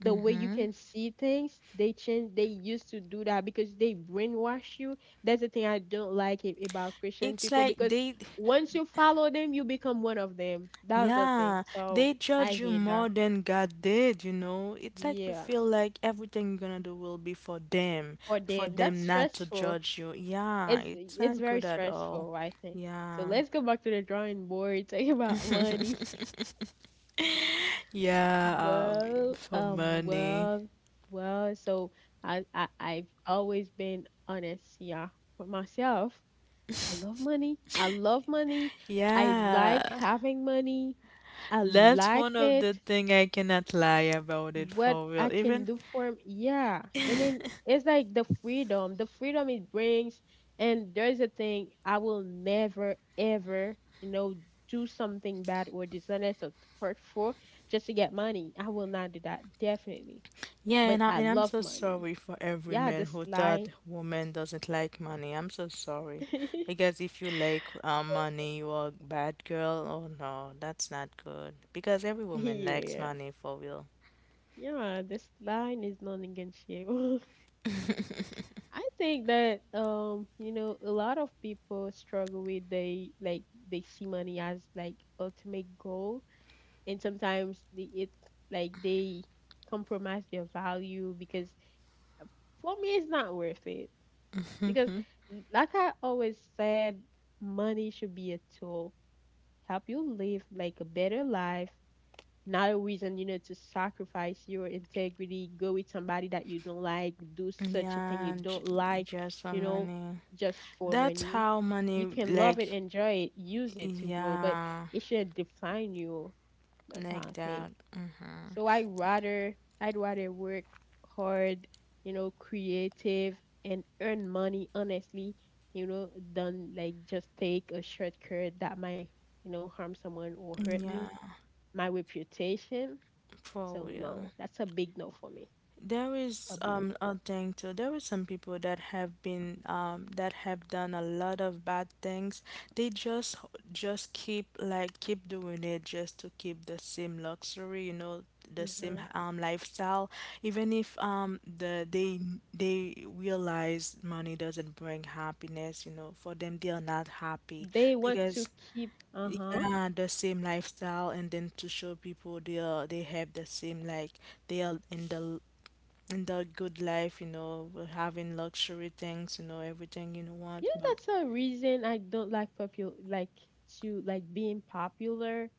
[SPEAKER 2] the way you can see things. They change. They used to do that because they brainwash you. That's the thing I don't like a- about Christian
[SPEAKER 1] It's
[SPEAKER 2] people,
[SPEAKER 1] like
[SPEAKER 2] because
[SPEAKER 1] they,
[SPEAKER 2] once you follow them, you become one of them. That's the thing.
[SPEAKER 1] yeah,
[SPEAKER 2] So.
[SPEAKER 1] they
[SPEAKER 2] I
[SPEAKER 1] judge you
[SPEAKER 2] hate
[SPEAKER 1] more
[SPEAKER 2] that.
[SPEAKER 1] than God did, you know. It's like you
[SPEAKER 2] Yeah.
[SPEAKER 1] feel like everything you're gonna do will be for them,
[SPEAKER 2] For
[SPEAKER 1] for
[SPEAKER 2] them,
[SPEAKER 1] them
[SPEAKER 2] that's
[SPEAKER 1] not to
[SPEAKER 2] stressful.
[SPEAKER 1] judge you. Yeah,
[SPEAKER 2] It's
[SPEAKER 1] it's not
[SPEAKER 2] it's
[SPEAKER 1] good
[SPEAKER 2] very
[SPEAKER 1] at all.
[SPEAKER 2] stressful, I think. So
[SPEAKER 1] Yeah.
[SPEAKER 2] let's go back to the drawing board, talk about money.
[SPEAKER 1] Yeah, um,
[SPEAKER 2] Well,
[SPEAKER 1] for
[SPEAKER 2] um,
[SPEAKER 1] money.
[SPEAKER 2] well, well, so I, I I've always been honest, yeah, with myself. I love money. I love money. I
[SPEAKER 1] Yeah,
[SPEAKER 2] like having money. I
[SPEAKER 1] that's
[SPEAKER 2] like
[SPEAKER 1] one of the
[SPEAKER 2] it.
[SPEAKER 1] thing I cannot lie about it
[SPEAKER 2] What
[SPEAKER 1] for
[SPEAKER 2] I
[SPEAKER 1] real.
[SPEAKER 2] can
[SPEAKER 1] Even
[SPEAKER 2] do for him. Yeah. And then it's like the freedom, the freedom it brings. And there's a thing I will never, ever, you know, do something bad or dishonest or hurtful just to get money. I will not do that. Definitely.
[SPEAKER 1] yeah,
[SPEAKER 2] But
[SPEAKER 1] and, I,
[SPEAKER 2] I
[SPEAKER 1] and I'm
[SPEAKER 2] love
[SPEAKER 1] so
[SPEAKER 2] money.
[SPEAKER 1] sorry for every
[SPEAKER 2] Yeah,
[SPEAKER 1] man
[SPEAKER 2] this
[SPEAKER 1] who thought
[SPEAKER 2] line.
[SPEAKER 1] woman doesn't like money. I'm so sorry. Because if you like uh, money, you are a bad girl. Oh no, that's not good. Because every woman likes
[SPEAKER 2] Yeah.
[SPEAKER 1] money for real.
[SPEAKER 2] Yeah, this line is non negotiable. I think that um, you know, a lot of people struggle with, they like they see money as like ultimate goal, and sometimes they, it like they compromise their value. Because for me it's not worth it, because l- like I always said, money should be a tool, help you live like a better life, not a reason, you know, to sacrifice your integrity, go with somebody that you don't like, do such a thing you
[SPEAKER 1] Yeah, j
[SPEAKER 2] don't like,
[SPEAKER 1] Just for
[SPEAKER 2] you know,
[SPEAKER 1] money.
[SPEAKER 2] just for
[SPEAKER 1] That's
[SPEAKER 2] money.
[SPEAKER 1] how money,
[SPEAKER 2] You can love
[SPEAKER 1] like,
[SPEAKER 2] it, enjoy it, use it to grow, but
[SPEAKER 1] yeah,
[SPEAKER 2] it shouldn't define you. That's how
[SPEAKER 1] like
[SPEAKER 2] I think.
[SPEAKER 1] that.
[SPEAKER 2] So I rather I'd rather work hard, you know, creative, and earn money honestly, you know, than like just take a shortcut that might, you know, harm someone or hurt me,
[SPEAKER 1] Yeah,
[SPEAKER 2] my reputation.
[SPEAKER 1] for
[SPEAKER 2] So
[SPEAKER 1] real.
[SPEAKER 2] no, that's a big no for me.
[SPEAKER 1] There
[SPEAKER 2] A
[SPEAKER 1] is
[SPEAKER 2] big
[SPEAKER 1] um
[SPEAKER 2] no.
[SPEAKER 1] a thing too. There are some people that have been um that have done a lot of bad things. They just just keep like keep doing it just to keep the same luxury, you know, the same
[SPEAKER 2] Hmm.
[SPEAKER 1] um lifestyle. Even if um the they they realize money doesn't bring happiness, you know, for them they are not happy
[SPEAKER 2] They want to
[SPEAKER 1] because
[SPEAKER 2] keep, uh-huh.
[SPEAKER 1] yeah, the same lifestyle, and then to show people they are they have the same like they are in the in the good life, you know, we're having luxury things, you know, everything you want,
[SPEAKER 2] You know,
[SPEAKER 1] but
[SPEAKER 2] that's a reason I don't like popular, like to like being popular.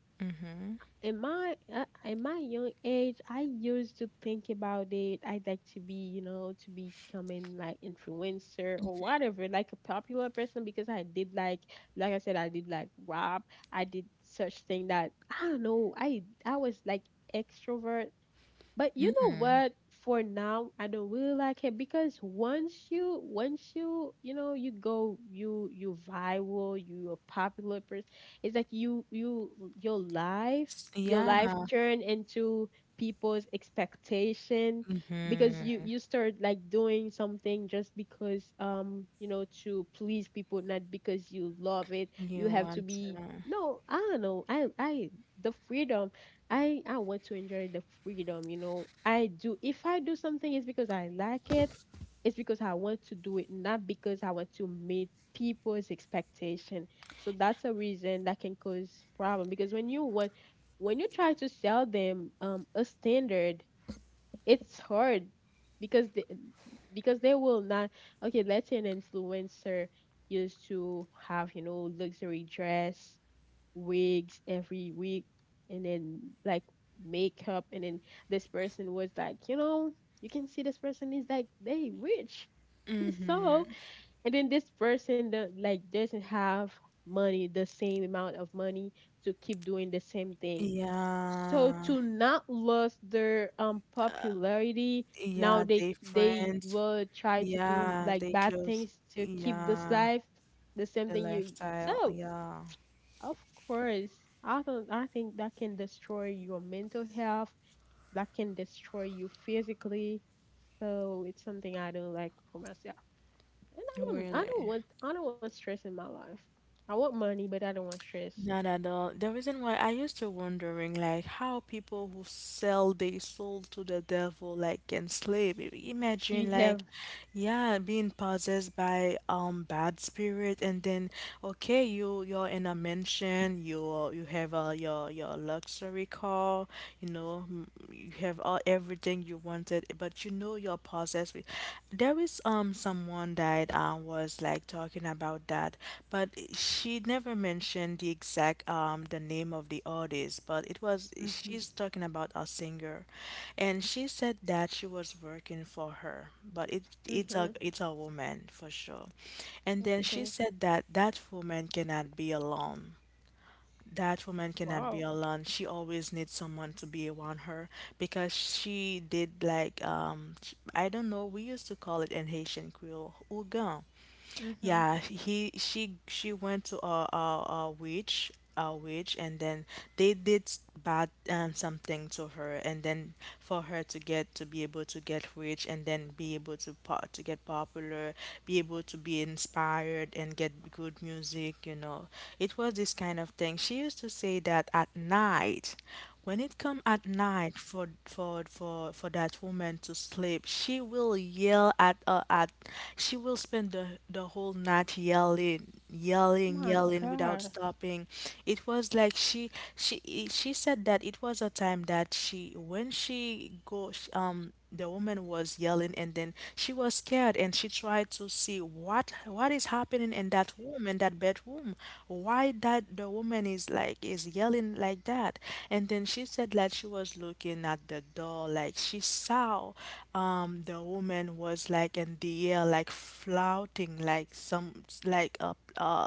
[SPEAKER 2] In my uh, in my young age, I used to think about it. I'd like to be, you know, to becoming like influencer or whatever, like a popular person, because I did like like I said, I did like rap. I did such thing that I don't know. I I was like extrovert. But you know what? For now, I don't really like it because once you, once you, you know, you go, you you viral, you a popular person. It's like you you your life, your
[SPEAKER 1] yeah,
[SPEAKER 2] life turn into people's expectation, because you you start like doing something just because um you know to please people, not because you love it.
[SPEAKER 1] you
[SPEAKER 2] You have to
[SPEAKER 1] want,
[SPEAKER 2] be,
[SPEAKER 1] uh,
[SPEAKER 2] no, I don't know. I I the freedom, I I want to enjoy the freedom, you know. I do, if I do something it's because I like it. It's because I want to do it, not because I want to meet people's expectation. So that's a reason that can cause problem, because when you want, when you try to sell them um a standard, it's hard because they, because they will not, okay, let's say an influencer used to have, you know, luxury dress, wigs every week, and then like makeup, and then this person was like, you know, you can see this person is like they rich. So, and then this person that like doesn't have money, the same amount of money to keep doing the same thing, so
[SPEAKER 1] yeah,
[SPEAKER 2] to not lose their um popularity, now
[SPEAKER 1] yeah,
[SPEAKER 2] they
[SPEAKER 1] they
[SPEAKER 2] they
[SPEAKER 1] friends,
[SPEAKER 2] will try to do
[SPEAKER 1] yeah,
[SPEAKER 2] like
[SPEAKER 1] they
[SPEAKER 2] bad
[SPEAKER 1] close,
[SPEAKER 2] things to keep this
[SPEAKER 1] yeah,
[SPEAKER 2] life, the same
[SPEAKER 1] the
[SPEAKER 2] thing you,
[SPEAKER 1] lifestyle,
[SPEAKER 2] so
[SPEAKER 1] yeah,
[SPEAKER 2] of course, I don't, I think that can destroy your mental health, that can destroy you physically. So it's something I don't like for myself. And I don't, I don't
[SPEAKER 1] really.
[SPEAKER 2] want I don't want stress in my life. I want money, but I don't want stress.
[SPEAKER 1] Not at all. The reason why I used to wondering like how people who sell their soul to the devil like can slave. I-
[SPEAKER 2] So you
[SPEAKER 1] Imagine like
[SPEAKER 2] have,
[SPEAKER 1] yeah, being possessed by um bad spirit and then okay, you you're in a mansion, you you have uh, your your luxury car, you know, m- you have all everything you wanted, but you know your process. Wi- There is um someone that uh, was like talking about that, but she never mentioned the exact um the name of the artist, but it was
[SPEAKER 2] mm-hmm,
[SPEAKER 1] she's talking about a singer, and she said that she was working for her, but it it's
[SPEAKER 2] mm-hmm,
[SPEAKER 1] a it's a woman for sure, and then she
[SPEAKER 2] okay.
[SPEAKER 1] said that that woman cannot be alone, that woman cannot
[SPEAKER 2] Wow.
[SPEAKER 1] be alone. She always needs someone to be around her because she did like um sh- I don't know, we used to call it in Haitian Creole, ougan.
[SPEAKER 2] Mm-hmm.
[SPEAKER 1] Yeah, he she she went to a a, a witch, a witch and then they did s- bad um, something to her and then for her to get to be able to get rich and then be able to po to get popular, be able to be inspired and get good music, you know, it was this kind of thing she used to say that at night when it come at night for for for for that woman to sleep, she will yell at uh, at she will spend the the whole night yelling, yelling,
[SPEAKER 2] My
[SPEAKER 1] yelling without
[SPEAKER 2] gosh.
[SPEAKER 1] stopping. It was like she she i- she said that it was a time that she when she go sh- um the woman was yelling and then and she was scared and she tried to see what what is happening in that room, in that bedroom, why that the woman is like is yelling like that, and then she said that she was looking at the door like she saw um the woman was like in the air, like flouting, like some, like a uh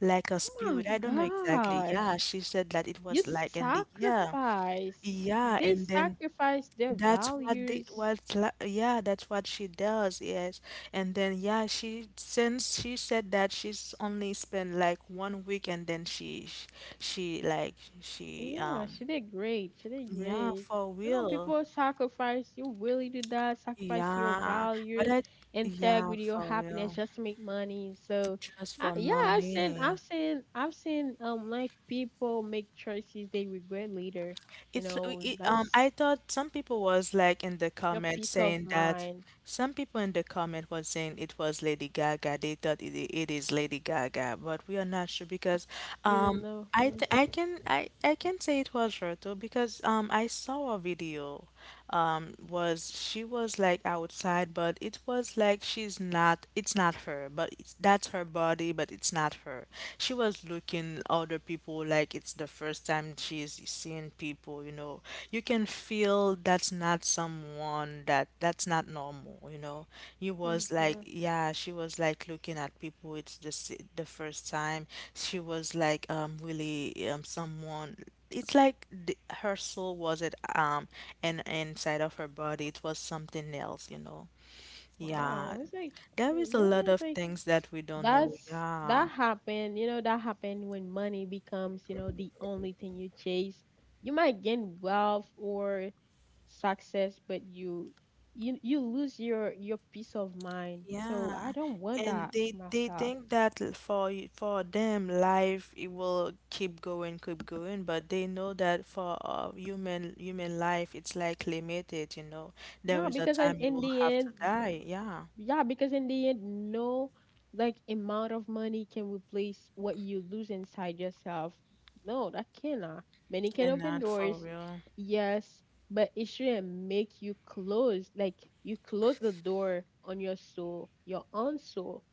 [SPEAKER 1] like a
[SPEAKER 2] My
[SPEAKER 1] spirit, I don't know exactly.
[SPEAKER 2] gosh.
[SPEAKER 1] Yeah, she said that it
[SPEAKER 2] You
[SPEAKER 1] was like in the air.
[SPEAKER 2] sacrifice.
[SPEAKER 1] Yeah,
[SPEAKER 2] They
[SPEAKER 1] and then
[SPEAKER 2] sacrifice their
[SPEAKER 1] that's what the
[SPEAKER 2] values.
[SPEAKER 1] what la- yeah, that's what she does, yes. And then yeah, she since she said that she's only spent like one week and then she sh- she like she
[SPEAKER 2] Yeah,
[SPEAKER 1] um
[SPEAKER 2] she did great. She did
[SPEAKER 1] Yeah,
[SPEAKER 2] great.
[SPEAKER 1] for
[SPEAKER 2] You know,
[SPEAKER 1] real.
[SPEAKER 2] people sacrifice, you really do that, sacrifice your
[SPEAKER 1] Yeah. But
[SPEAKER 2] values,
[SPEAKER 1] I yeah,
[SPEAKER 2] integrity, your
[SPEAKER 1] for real.
[SPEAKER 2] happiness just to make money. So,
[SPEAKER 1] Just
[SPEAKER 2] I,
[SPEAKER 1] for
[SPEAKER 2] yeah, I've seen,
[SPEAKER 1] money.
[SPEAKER 2] I've seen, I've seen, um, like people make choices they regret later. You
[SPEAKER 1] It's uh,
[SPEAKER 2] know,
[SPEAKER 1] it, um
[SPEAKER 2] that's
[SPEAKER 1] I thought some people was like in the
[SPEAKER 2] your
[SPEAKER 1] comment
[SPEAKER 2] peace of
[SPEAKER 1] saying that,
[SPEAKER 2] mind.
[SPEAKER 1] some people in the comment was saying it was Lady Gaga. They thought it, it is Lady Gaga, but we are not sure because
[SPEAKER 2] You don't
[SPEAKER 1] um
[SPEAKER 2] know.
[SPEAKER 1] I th
[SPEAKER 2] Yes.
[SPEAKER 1] I can I I can say it was her though because um I saw a video, um was she was like outside but it was like she's not, it's not her, but it's that's her body but it's not her. She was looking other people like it's the first time she's seeing people, you know, you can can feel that's not someone that that's not normal, you know. You was like
[SPEAKER 2] Mm-hmm.
[SPEAKER 1] yeah, she was like looking at people it's the s- the first time. She was like um really um someone, it's like the, her soul wasn't um and inside of her body it was something else, you know. Yeah,
[SPEAKER 2] Wow. It's like,
[SPEAKER 1] there
[SPEAKER 2] eh,
[SPEAKER 1] is a
[SPEAKER 2] yeah,
[SPEAKER 1] lot of
[SPEAKER 2] it's like,
[SPEAKER 1] things that we don't know.
[SPEAKER 2] that's
[SPEAKER 1] Yeah
[SPEAKER 2] that happened, you know, that happened when money becomes, you know, the only thing you chase. You might gain wealth or success, but you you you lose your your peace of mind. So I
[SPEAKER 1] Yeah,
[SPEAKER 2] don't want
[SPEAKER 1] and
[SPEAKER 2] that
[SPEAKER 1] they
[SPEAKER 2] for
[SPEAKER 1] they
[SPEAKER 2] myself.
[SPEAKER 1] think that l- for y- for them life it will keep going, keep going, but they know that for uh, human human life it's like limited, you know. There
[SPEAKER 2] Yeah,
[SPEAKER 1] is a
[SPEAKER 2] because in,
[SPEAKER 1] time you
[SPEAKER 2] in
[SPEAKER 1] will
[SPEAKER 2] the
[SPEAKER 1] have to
[SPEAKER 2] end,
[SPEAKER 1] die. Yeah,
[SPEAKER 2] yeah, because in the end, no like amount of money can replace what you lose inside yourself. No, that cannot. Money can open
[SPEAKER 1] cannot for
[SPEAKER 2] doors,
[SPEAKER 1] real.
[SPEAKER 2] yes, but it shouldn't make you close. Like you close the door on your soul, your own soul.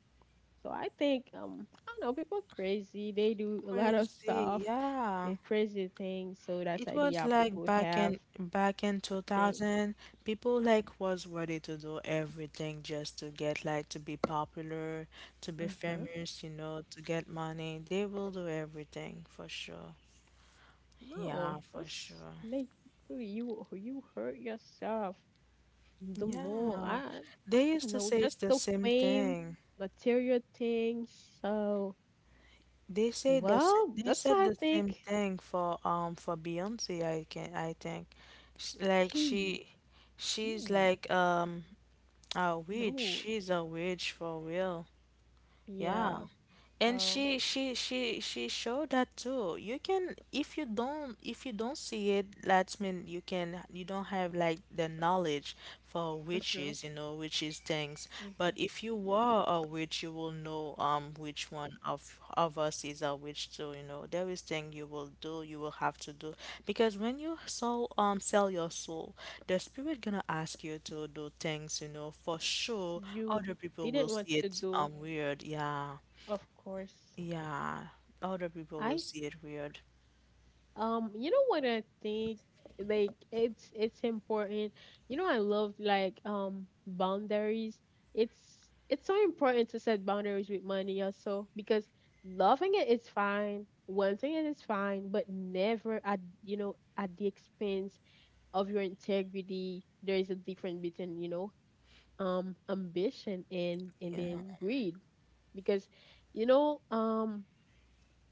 [SPEAKER 2] So I think um I don't know, people crazy. They do a lot of
[SPEAKER 1] Crazy.
[SPEAKER 2] stuff,
[SPEAKER 1] Yeah.
[SPEAKER 2] eh, crazy things. So that's
[SPEAKER 1] It was
[SPEAKER 2] idea
[SPEAKER 1] like
[SPEAKER 2] people
[SPEAKER 1] back
[SPEAKER 2] have.
[SPEAKER 1] in back in
[SPEAKER 2] Think.
[SPEAKER 1] two thousand, people like was ready to do everything just to get like to be popular, to be
[SPEAKER 2] Hmm.
[SPEAKER 1] famous, you know, to get money. They will do everything for sure. Yeah,
[SPEAKER 2] No,
[SPEAKER 1] for
[SPEAKER 2] that's
[SPEAKER 1] sure.
[SPEAKER 2] like you you hurt yourself the more.
[SPEAKER 1] Yeah.
[SPEAKER 2] I I
[SPEAKER 1] They used
[SPEAKER 2] don't
[SPEAKER 1] to
[SPEAKER 2] know,
[SPEAKER 1] say it's
[SPEAKER 2] just
[SPEAKER 1] the
[SPEAKER 2] the
[SPEAKER 1] same
[SPEAKER 2] fame,
[SPEAKER 1] thing.
[SPEAKER 2] material things. So
[SPEAKER 1] They say the s-
[SPEAKER 2] well,
[SPEAKER 1] they
[SPEAKER 2] that's
[SPEAKER 1] said
[SPEAKER 2] why I
[SPEAKER 1] the same
[SPEAKER 2] think
[SPEAKER 1] thing for um for Beyonce, I can I think. Sh- Like
[SPEAKER 2] he,
[SPEAKER 1] she she's
[SPEAKER 2] he
[SPEAKER 1] like um a witch.
[SPEAKER 2] no,
[SPEAKER 1] She's a witch for real. Yeah,
[SPEAKER 2] yeah.
[SPEAKER 1] and
[SPEAKER 2] So
[SPEAKER 1] she she she she showed that too. You can, if you don't, if you don't see it, that's mean you can, you don't have like the knowledge for
[SPEAKER 2] mm-hmm,
[SPEAKER 1] witches, you know, witches things,
[SPEAKER 2] mm-hmm.
[SPEAKER 1] but if you
[SPEAKER 2] Yeah.
[SPEAKER 1] were a witch you will know um which one of of us is a witch too, you know. There is thing you will do, you will have to do, because when you soul um sell your soul the spirit gonna ask you to do things, you know, for sure
[SPEAKER 2] You
[SPEAKER 1] other people will
[SPEAKER 2] didn't want
[SPEAKER 1] see
[SPEAKER 2] to
[SPEAKER 1] it
[SPEAKER 2] do,
[SPEAKER 1] um weird. Yeah,
[SPEAKER 2] of course.
[SPEAKER 1] yeah, other people will
[SPEAKER 2] I
[SPEAKER 1] see it weird.
[SPEAKER 2] Um, you know what I think? Like it's it's important. You know, I love like um boundaries. It's it's so important to set boundaries with money also because loving it is fine, wanting it is fine, but never at, you know, at the expense of your integrity. There is a difference between, you know, um ambition and and
[SPEAKER 1] Yeah.
[SPEAKER 2] then greed because, you know, um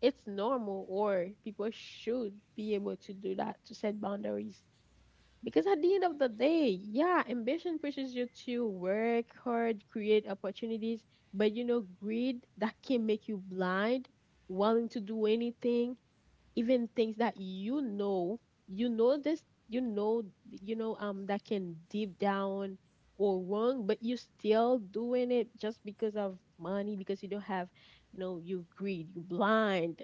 [SPEAKER 2] it's normal, or people should be able to do that, to set boundaries, because at the end of the day, yeah, ambition pushes you to work hard, create opportunities, but, you know, greed, that can make you blind, willing to do anything, even things that you know, you know this you know you know um that can deep down or wrong, but you're still doing it just because of money, because you don't have, you know, you greed, you blind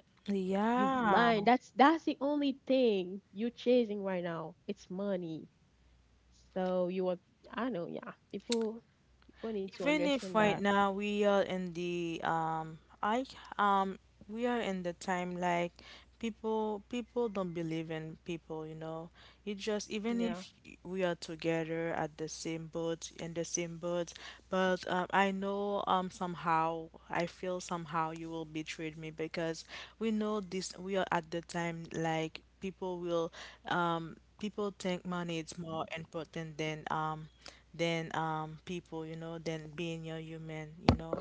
[SPEAKER 2] you
[SPEAKER 1] Yeah.
[SPEAKER 2] blind. That's that's the only thing you're chasing right now. It's money. So you are. I know. Yeah. People people need to
[SPEAKER 1] Even if
[SPEAKER 2] understand
[SPEAKER 1] right
[SPEAKER 2] that.
[SPEAKER 1] now we are in the um I um we are in the time like people, people don't believe in people, you know. It just even
[SPEAKER 2] Yeah.
[SPEAKER 1] if we are together at the same boat, in the same boat, but um, I know um somehow I feel somehow you will betray me because we know this, we are at the time like people will um people think money is more important than um than um people, you know, than being a human, you know.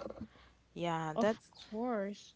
[SPEAKER 1] Yeah,
[SPEAKER 2] Of
[SPEAKER 1] that's
[SPEAKER 2] course.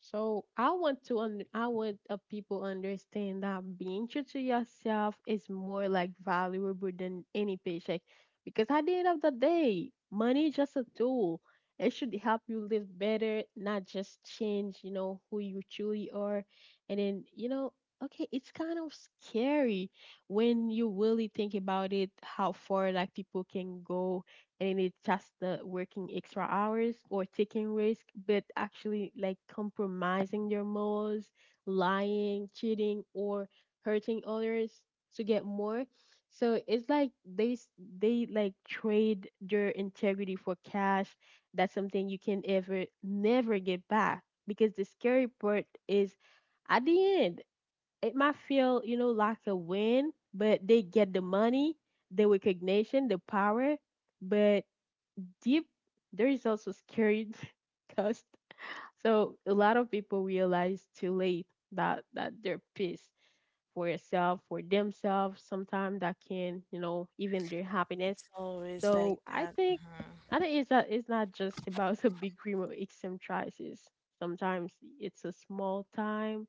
[SPEAKER 2] So I want to un- I want, uh, people understand that being true to yourself is more like valuable than any paycheck, because at the end of the day, money is just a tool. It should help you live better, not just change, you know, who you truly are. And then, you know, okay, it's kind of scary when you really think about it, how far like people can go, and it's just the working extra hours or taking risk, but actually like compromising your morals, lying, cheating, or hurting others to get more. So it's like they s- they like trade their integrity for cash. That's something you can ever never get back, because the scary part is at the end it might feel, you know, like a win, but they get the money, the recognition, the power, but deep, there is also scary cost. So a lot of people realize too late that that they're pissed for yourself, for themselves. Sometimes that can, you know, even their happiness.
[SPEAKER 1] it's always like
[SPEAKER 2] So I
[SPEAKER 1] that.
[SPEAKER 2] think I
[SPEAKER 1] hmm
[SPEAKER 2] think it's not it's not just about a big dream of eccentricities. Sometimes it's a small time,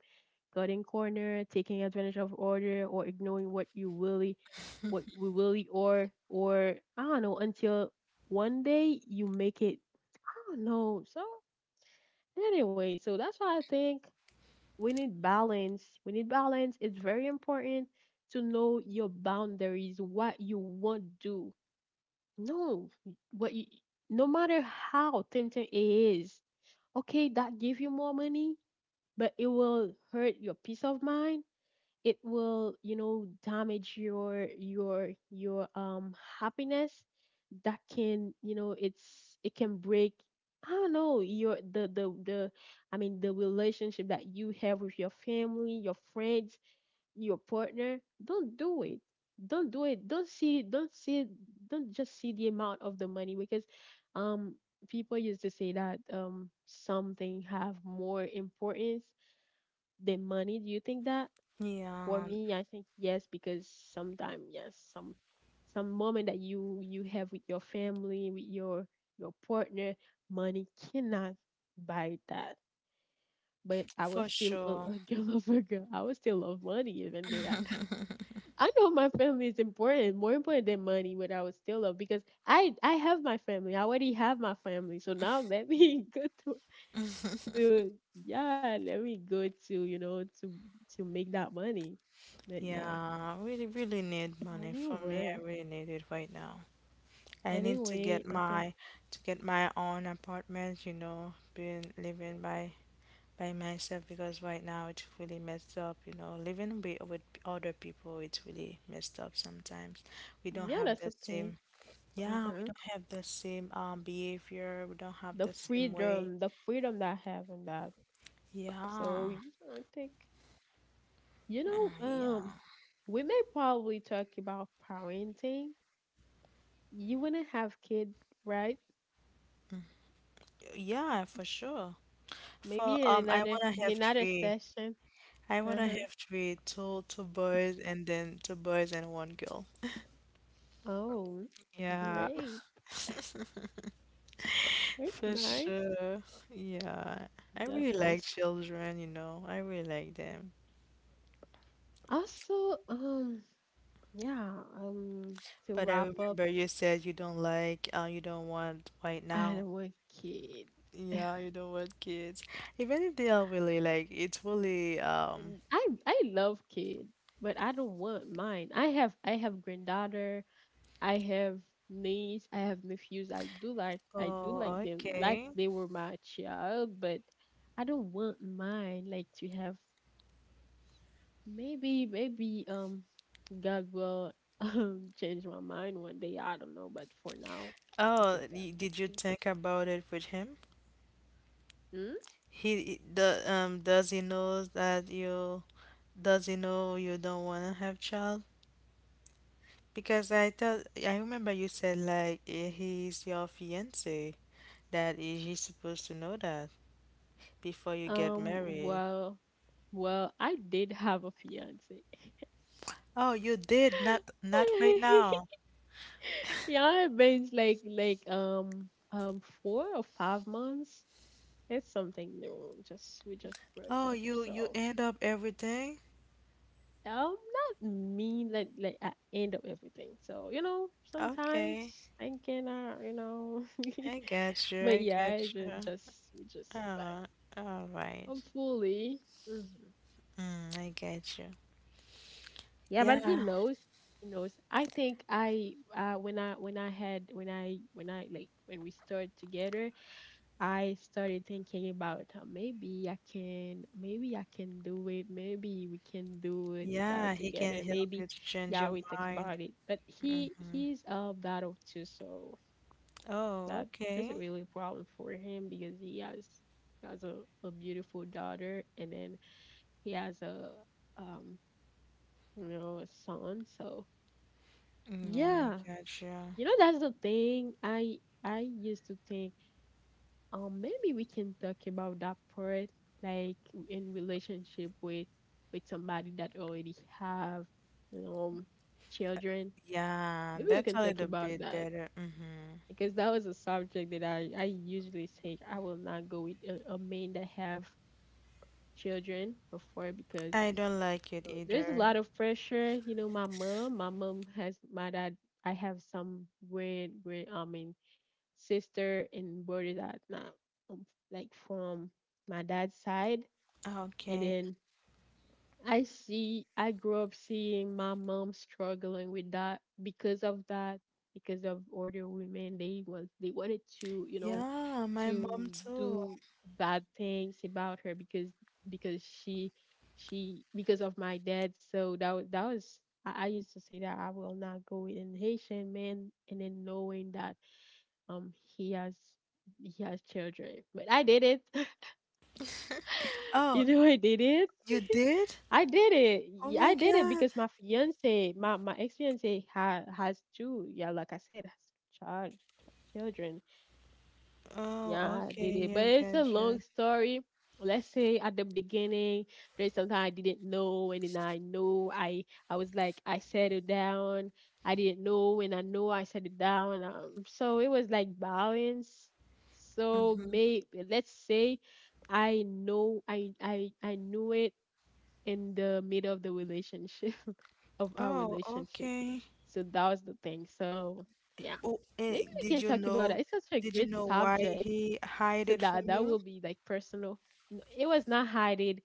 [SPEAKER 2] cutting corner, taking advantage of order, or ignoring what you really, what we really, or or I don't know, until one day you make it. I don't know. So anyway, so that's why I think we need balance. We need balance. It's very important to know your boundaries, what you won't do. No, what you, no matter how tempting it is, okay, that give you more money, but it will hurt your peace of mind, it will, you know, damage your your your um happiness, that can, you know, it's it can break, I don't know, your the the the I mean the relationship that you have with your family, your friends, your partner. Don't do it. Don't do it. Don't see don't see don't just see the amount of the money, because um people used to say that um something have more importance than money. Do you think that? For
[SPEAKER 1] Yeah,
[SPEAKER 2] me, I think yes, because sometimes yes, some some moment that you you have with your family, with your your partner, money cannot buy that. But I
[SPEAKER 1] for
[SPEAKER 2] was still
[SPEAKER 1] sure.
[SPEAKER 2] a, a girl lover girl. I was still love money even though that. I know my family is important, more important than money, but I was still love because I I have my family. I already have my family. So now let me go to, to yeah, let me go to, you know, to to make that money. But
[SPEAKER 1] Yeah,
[SPEAKER 2] yeah,
[SPEAKER 1] I really, really need money. For me,
[SPEAKER 2] anyway,
[SPEAKER 1] I really need it right now. I need to
[SPEAKER 2] anyway,
[SPEAKER 1] get
[SPEAKER 2] I think
[SPEAKER 1] my to get my own apartment, you know, being living by by myself because right now it's really messed up, you know. Living with with other people, it's really messed up sometimes. We
[SPEAKER 2] yeah,
[SPEAKER 1] don't have
[SPEAKER 2] that's a
[SPEAKER 1] the
[SPEAKER 2] thing.
[SPEAKER 1] same, yeah, we
[SPEAKER 2] Hmm.
[SPEAKER 1] don't have the same um behavior. We don't have
[SPEAKER 2] The
[SPEAKER 1] the same way.
[SPEAKER 2] freedom, the freedom that I have in that.
[SPEAKER 1] Yeah,
[SPEAKER 2] So you know, I think, you know,
[SPEAKER 1] yeah,
[SPEAKER 2] um, we may probably talk about parenting. You wanna have kids, right?
[SPEAKER 1] yeah, for sure. For
[SPEAKER 2] Maybe in
[SPEAKER 1] um, I
[SPEAKER 2] another,
[SPEAKER 1] wanna
[SPEAKER 2] in
[SPEAKER 1] have
[SPEAKER 2] another
[SPEAKER 1] three.
[SPEAKER 2] session.
[SPEAKER 1] I
[SPEAKER 2] Uh
[SPEAKER 1] wanna
[SPEAKER 2] huh.
[SPEAKER 1] have three, two, two boys, and then two boys and one girl.
[SPEAKER 2] Oh,
[SPEAKER 1] Yeah,
[SPEAKER 2] great. That's
[SPEAKER 1] for
[SPEAKER 2] nice.
[SPEAKER 1] sure. Yeah, I
[SPEAKER 2] That's
[SPEAKER 1] really like
[SPEAKER 2] nice.
[SPEAKER 1] children. You know, I really like them.
[SPEAKER 2] Also, um, yeah, um, to
[SPEAKER 1] But I
[SPEAKER 2] wrap up,
[SPEAKER 1] remember you said you don't like, uh, you don't want right
[SPEAKER 2] I
[SPEAKER 1] now.
[SPEAKER 2] don't want kids.
[SPEAKER 1] Yeah, you know what, kids. Even if they are really like, it's really um.
[SPEAKER 2] And I I love kids, but I don't want mine. I have I have granddaughter, I have niece, I have nephews. I do like I do
[SPEAKER 1] Oh,
[SPEAKER 2] like them like
[SPEAKER 1] okay.
[SPEAKER 2] they were my child, but I don't want mine like to have, maybe maybe um God will um change my mind one day. I don't know, but for now it's a
[SPEAKER 1] Oh, y- did you
[SPEAKER 2] that.
[SPEAKER 1] think about it with him?
[SPEAKER 2] Mhm.
[SPEAKER 1] He the um does he know that you, does he know you don't wanna have child? Because I thought I remember you said like eh, he's your fiance that he- he's supposed to know that before you get
[SPEAKER 2] Um
[SPEAKER 1] married.
[SPEAKER 2] well, well, I did have a fiance.
[SPEAKER 1] Oh, you did not, not right now.
[SPEAKER 2] Yeah, it been like like um um four or five months. It's something new. Just we just broke
[SPEAKER 1] Oh,
[SPEAKER 2] up,
[SPEAKER 1] you you
[SPEAKER 2] so
[SPEAKER 1] end up everything?
[SPEAKER 2] um not mean like like I end up everything. So you know
[SPEAKER 1] Okay.
[SPEAKER 2] sometimes thinking, uh you know,
[SPEAKER 1] I get you.
[SPEAKER 2] but
[SPEAKER 1] I
[SPEAKER 2] yeah,
[SPEAKER 1] get
[SPEAKER 2] I ju-
[SPEAKER 1] you.
[SPEAKER 2] just we just back
[SPEAKER 1] Oh, all right.
[SPEAKER 2] hopefully. Hmm.
[SPEAKER 1] Mm, I get you.
[SPEAKER 2] Yeah, but he
[SPEAKER 1] Yeah,
[SPEAKER 2] knows. He knows. I think I uh when I when I had when I when I like when we started together. I started thinking about, uh, maybe I can, maybe I can do it. Maybe we can do it,
[SPEAKER 1] yeah,
[SPEAKER 2] uh,
[SPEAKER 1] he can
[SPEAKER 2] together.
[SPEAKER 1] help you
[SPEAKER 2] Maybe,
[SPEAKER 1] to change
[SPEAKER 2] yeah,
[SPEAKER 1] your
[SPEAKER 2] we think
[SPEAKER 1] mind.
[SPEAKER 2] about it. But he
[SPEAKER 1] Mm-hmm.
[SPEAKER 2] he's of that of too, so
[SPEAKER 1] Oh,
[SPEAKER 2] that
[SPEAKER 1] okay.
[SPEAKER 2] isn't really a problem for him because he has has a, a beautiful daughter, and then he has a, um you know, a son. So
[SPEAKER 1] Mm, yeah, I
[SPEAKER 2] yeah,
[SPEAKER 1] got you.
[SPEAKER 2] you know, that's the thing. I I used to think, um maybe we can talk about that part, like in relationship with with somebody that already have um children,
[SPEAKER 1] Yeah,
[SPEAKER 2] maybe we
[SPEAKER 1] that's
[SPEAKER 2] can
[SPEAKER 1] a
[SPEAKER 2] talk
[SPEAKER 1] little
[SPEAKER 2] about
[SPEAKER 1] bit
[SPEAKER 2] that,
[SPEAKER 1] better. Mm-hmm.
[SPEAKER 2] because that was a subject that i i usually say I will not go with a, a man that have children before because,
[SPEAKER 1] I don't like it
[SPEAKER 2] uh, there's a
[SPEAKER 1] either.
[SPEAKER 2] lot of pressure, you know, my mom my mom has my dad, I have some weird weird, I mean, sister and brother that now, um, like from my dad's side, and
[SPEAKER 1] Okay.
[SPEAKER 2] then I see, I grew up seeing my mom struggling with that, because of that, because of older women, they want they wanted to, you know,
[SPEAKER 1] Yeah, my
[SPEAKER 2] to
[SPEAKER 1] mom too.
[SPEAKER 2] do bad things about her, because because she she because of my dad, so that was that was I, I used to say that I will not go with an Haitian man, and then knowing that um he has he has children, but I did it. You
[SPEAKER 1] Oh,
[SPEAKER 2] know, I did it.
[SPEAKER 1] you did?
[SPEAKER 2] I did it,
[SPEAKER 1] Oh
[SPEAKER 2] Y- I
[SPEAKER 1] my
[SPEAKER 2] did it,
[SPEAKER 1] God.
[SPEAKER 2] because my fiance, my my ex fiance, ha, has two, yeah, like I said, has child children,
[SPEAKER 1] Oh,
[SPEAKER 2] yeah, I did it.
[SPEAKER 1] okay. I
[SPEAKER 2] But it's a
[SPEAKER 1] get
[SPEAKER 2] long
[SPEAKER 1] you.
[SPEAKER 2] story. Let's say at the beginning, there's something I didn't know, and then I know I I was like I settled down. I didn't know, and I know I settled down. Um, so it was like balance. So
[SPEAKER 1] Mm-hmm.
[SPEAKER 2] maybe let's say I know I I I knew it in the middle of the relationship of our
[SPEAKER 1] Oh,
[SPEAKER 2] relationship.
[SPEAKER 1] okay.
[SPEAKER 2] So that was the thing. So yeah,
[SPEAKER 1] Oh,
[SPEAKER 2] maybe
[SPEAKER 1] eh,
[SPEAKER 2] we
[SPEAKER 1] did
[SPEAKER 2] can
[SPEAKER 1] you
[SPEAKER 2] talk about
[SPEAKER 1] know?
[SPEAKER 2] that. It's such a
[SPEAKER 1] Did you
[SPEAKER 2] great
[SPEAKER 1] know why
[SPEAKER 2] subject,
[SPEAKER 1] he hide
[SPEAKER 2] so
[SPEAKER 1] it from
[SPEAKER 2] that that
[SPEAKER 1] you?
[SPEAKER 2] will be like personal. N- it was not hiding,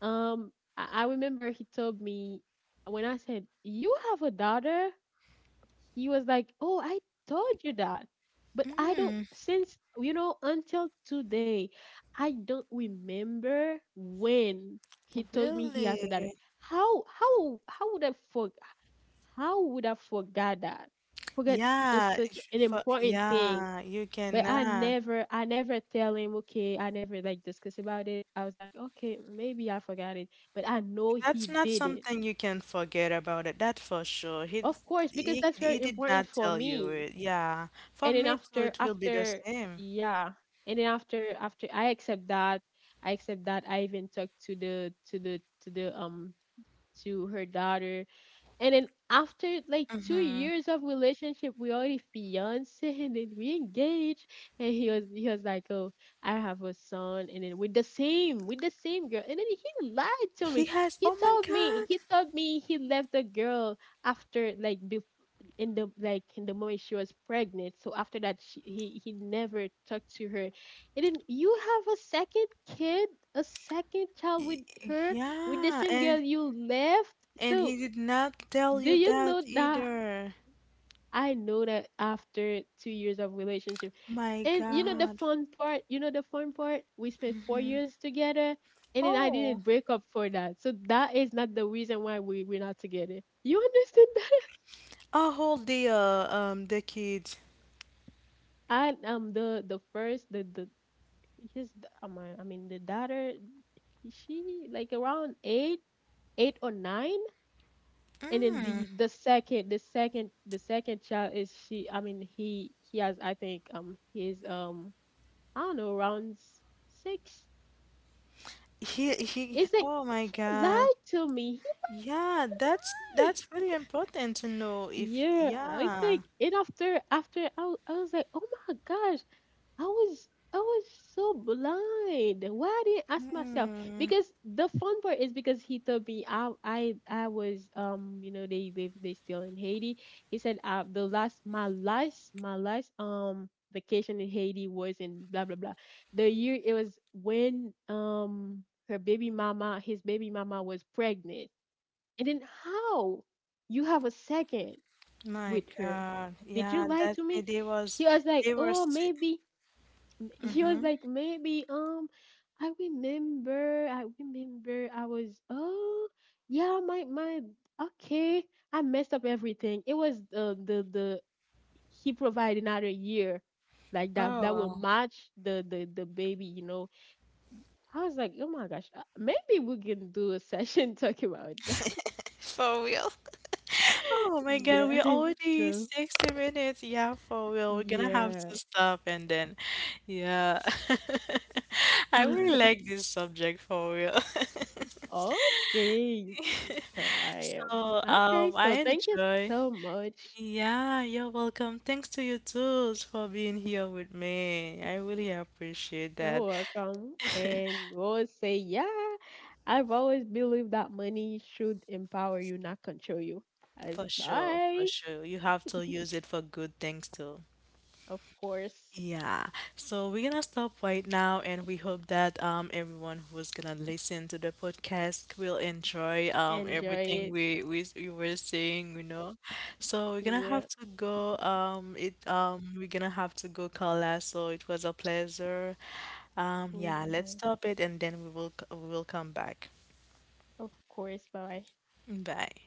[SPEAKER 2] um I, I remember he told me, when I said you have a daughter, he was like, oh, I told you that, but I don't
[SPEAKER 1] Mm,
[SPEAKER 2] since, you know, until today I don't remember when he told me he
[SPEAKER 1] really?
[SPEAKER 2] has a daughter. How how how would I for how would I forget that, forget a,
[SPEAKER 1] Yeah, it
[SPEAKER 2] such an
[SPEAKER 1] should for,
[SPEAKER 2] important thing?
[SPEAKER 1] yeah, you
[SPEAKER 2] But I
[SPEAKER 1] cannot.
[SPEAKER 2] never, I never tell him, okay, I never like discuss about it. I was like, okay, maybe I forgot it, but I know
[SPEAKER 1] That's
[SPEAKER 2] he
[SPEAKER 1] not
[SPEAKER 2] did it.
[SPEAKER 1] something you can forget about it. That for sure. He
[SPEAKER 2] Of course, because
[SPEAKER 1] he
[SPEAKER 2] that's
[SPEAKER 1] he
[SPEAKER 2] very
[SPEAKER 1] did
[SPEAKER 2] important
[SPEAKER 1] not
[SPEAKER 2] for
[SPEAKER 1] tell you
[SPEAKER 2] me.
[SPEAKER 1] it. Yeah, for
[SPEAKER 2] And then
[SPEAKER 1] me too,
[SPEAKER 2] after,
[SPEAKER 1] it will be the
[SPEAKER 2] after,
[SPEAKER 1] same.
[SPEAKER 2] yeah. And then after, after I accept that, I accept that, I even talked to the, to the, to the, um, to her daughter. And then after like two
[SPEAKER 1] Mm-hmm.
[SPEAKER 2] years of relationship, we already fiance, and then we engaged. And he was he was like, oh, I have a son, and then with the same, with the same girl. And then he lied to
[SPEAKER 1] He
[SPEAKER 2] me.
[SPEAKER 1] has.
[SPEAKER 2] He
[SPEAKER 1] Oh my
[SPEAKER 2] told me,
[SPEAKER 1] God.
[SPEAKER 2] he told me he left the girl, after like bef- in the, like in the moment she was pregnant. So after that, she, he he never talked to her. And then you have a second kid, a second child
[SPEAKER 1] Y-
[SPEAKER 2] with her, with the
[SPEAKER 1] Yeah,
[SPEAKER 2] same
[SPEAKER 1] and
[SPEAKER 2] girl you left.
[SPEAKER 1] and he
[SPEAKER 2] So
[SPEAKER 1] did not tell
[SPEAKER 2] do
[SPEAKER 1] you
[SPEAKER 2] you
[SPEAKER 1] that
[SPEAKER 2] know that?
[SPEAKER 1] either.
[SPEAKER 2] I know that after two years of relationship,
[SPEAKER 1] My
[SPEAKER 2] and you know the
[SPEAKER 1] God.
[SPEAKER 2] fun part, you know the fun part, we spent four years together, and then I
[SPEAKER 1] Oh.
[SPEAKER 2] didn't break up for that. So that is not the reason why we we're not together. You understand that?
[SPEAKER 1] I hold the uh um the kids.
[SPEAKER 2] I am the the first the the his, oh my, I mean the daughter, she like around eight, eight or nine, and then
[SPEAKER 1] Mm.
[SPEAKER 2] the the second, the second the second child is she, I mean he he has, I think, um his um I don't know, around s- six.
[SPEAKER 1] He he
[SPEAKER 2] It's like
[SPEAKER 1] oh my
[SPEAKER 2] he
[SPEAKER 1] God.
[SPEAKER 2] lied to me. He
[SPEAKER 1] Yeah, that's
[SPEAKER 2] like
[SPEAKER 1] that's really important to know if
[SPEAKER 2] yeah. I was
[SPEAKER 1] yeah.
[SPEAKER 2] like, and after after I, w- I was like, oh my gosh, I was I was so blind. Why I didn't ask myself?
[SPEAKER 1] Mm,
[SPEAKER 2] Because the fun part is because he told me I I I was, um you know, they live, they still in Haiti. He said, uh the last, my last my last um vacation in Haiti was in blah blah blah. The year it was when um her baby mama, his baby mama was pregnant. And then how you have a second
[SPEAKER 1] my
[SPEAKER 2] with her?
[SPEAKER 1] God.
[SPEAKER 2] Did you
[SPEAKER 1] Yeah,
[SPEAKER 2] lie
[SPEAKER 1] that
[SPEAKER 2] to
[SPEAKER 1] way
[SPEAKER 2] me?
[SPEAKER 1] they was
[SPEAKER 2] He was like,
[SPEAKER 1] they were
[SPEAKER 2] oh
[SPEAKER 1] si.
[SPEAKER 2] maybe, he was
[SPEAKER 1] hmm
[SPEAKER 2] like, maybe, um, I remember, I remember I was, oh, yeah, my, my, okay. I messed up everything. It was the, the, the, he provided another year like that, that will
[SPEAKER 1] Oh.
[SPEAKER 2] match the, the, the baby, you know. I was like, oh my gosh, uh, maybe we can do a session talking about that.
[SPEAKER 1] For real. Oh my God, we're
[SPEAKER 2] Yeah.
[SPEAKER 1] already
[SPEAKER 2] So,
[SPEAKER 1] sixty minutes. Yeah, for real. We're gonna have to
[SPEAKER 2] yeah.
[SPEAKER 1] stop and then yeah. I really like this subject for real.
[SPEAKER 2] Okay. So I am.
[SPEAKER 1] So,
[SPEAKER 2] Okay.
[SPEAKER 1] um, I
[SPEAKER 2] So thank you
[SPEAKER 1] enjoy.
[SPEAKER 2] so much.
[SPEAKER 1] Yeah, you're welcome. Thanks to you too for being here with me. I really appreciate that.
[SPEAKER 2] You're welcome. And we always say, yeah, I've always believed that money should empower you, not control you. As
[SPEAKER 1] For sure, for
[SPEAKER 2] bye,
[SPEAKER 1] sure. You have to use it for good things too.
[SPEAKER 2] of course.
[SPEAKER 1] Yeah. So we're gonna stop right now and we hope that um everyone who's gonna listen to the podcast will enjoy um
[SPEAKER 2] Enjoy
[SPEAKER 1] everything
[SPEAKER 2] it.
[SPEAKER 1] we we, we were saying, you know. So we're gonna
[SPEAKER 2] Yeah.
[SPEAKER 1] have to go um it um we're gonna have to go Carla. So it was a pleasure. Um, yeah,
[SPEAKER 2] Hmm.
[SPEAKER 1] let's stop it and then we will c- we will come back.
[SPEAKER 2] Of course. Bye bye.
[SPEAKER 1] Bye.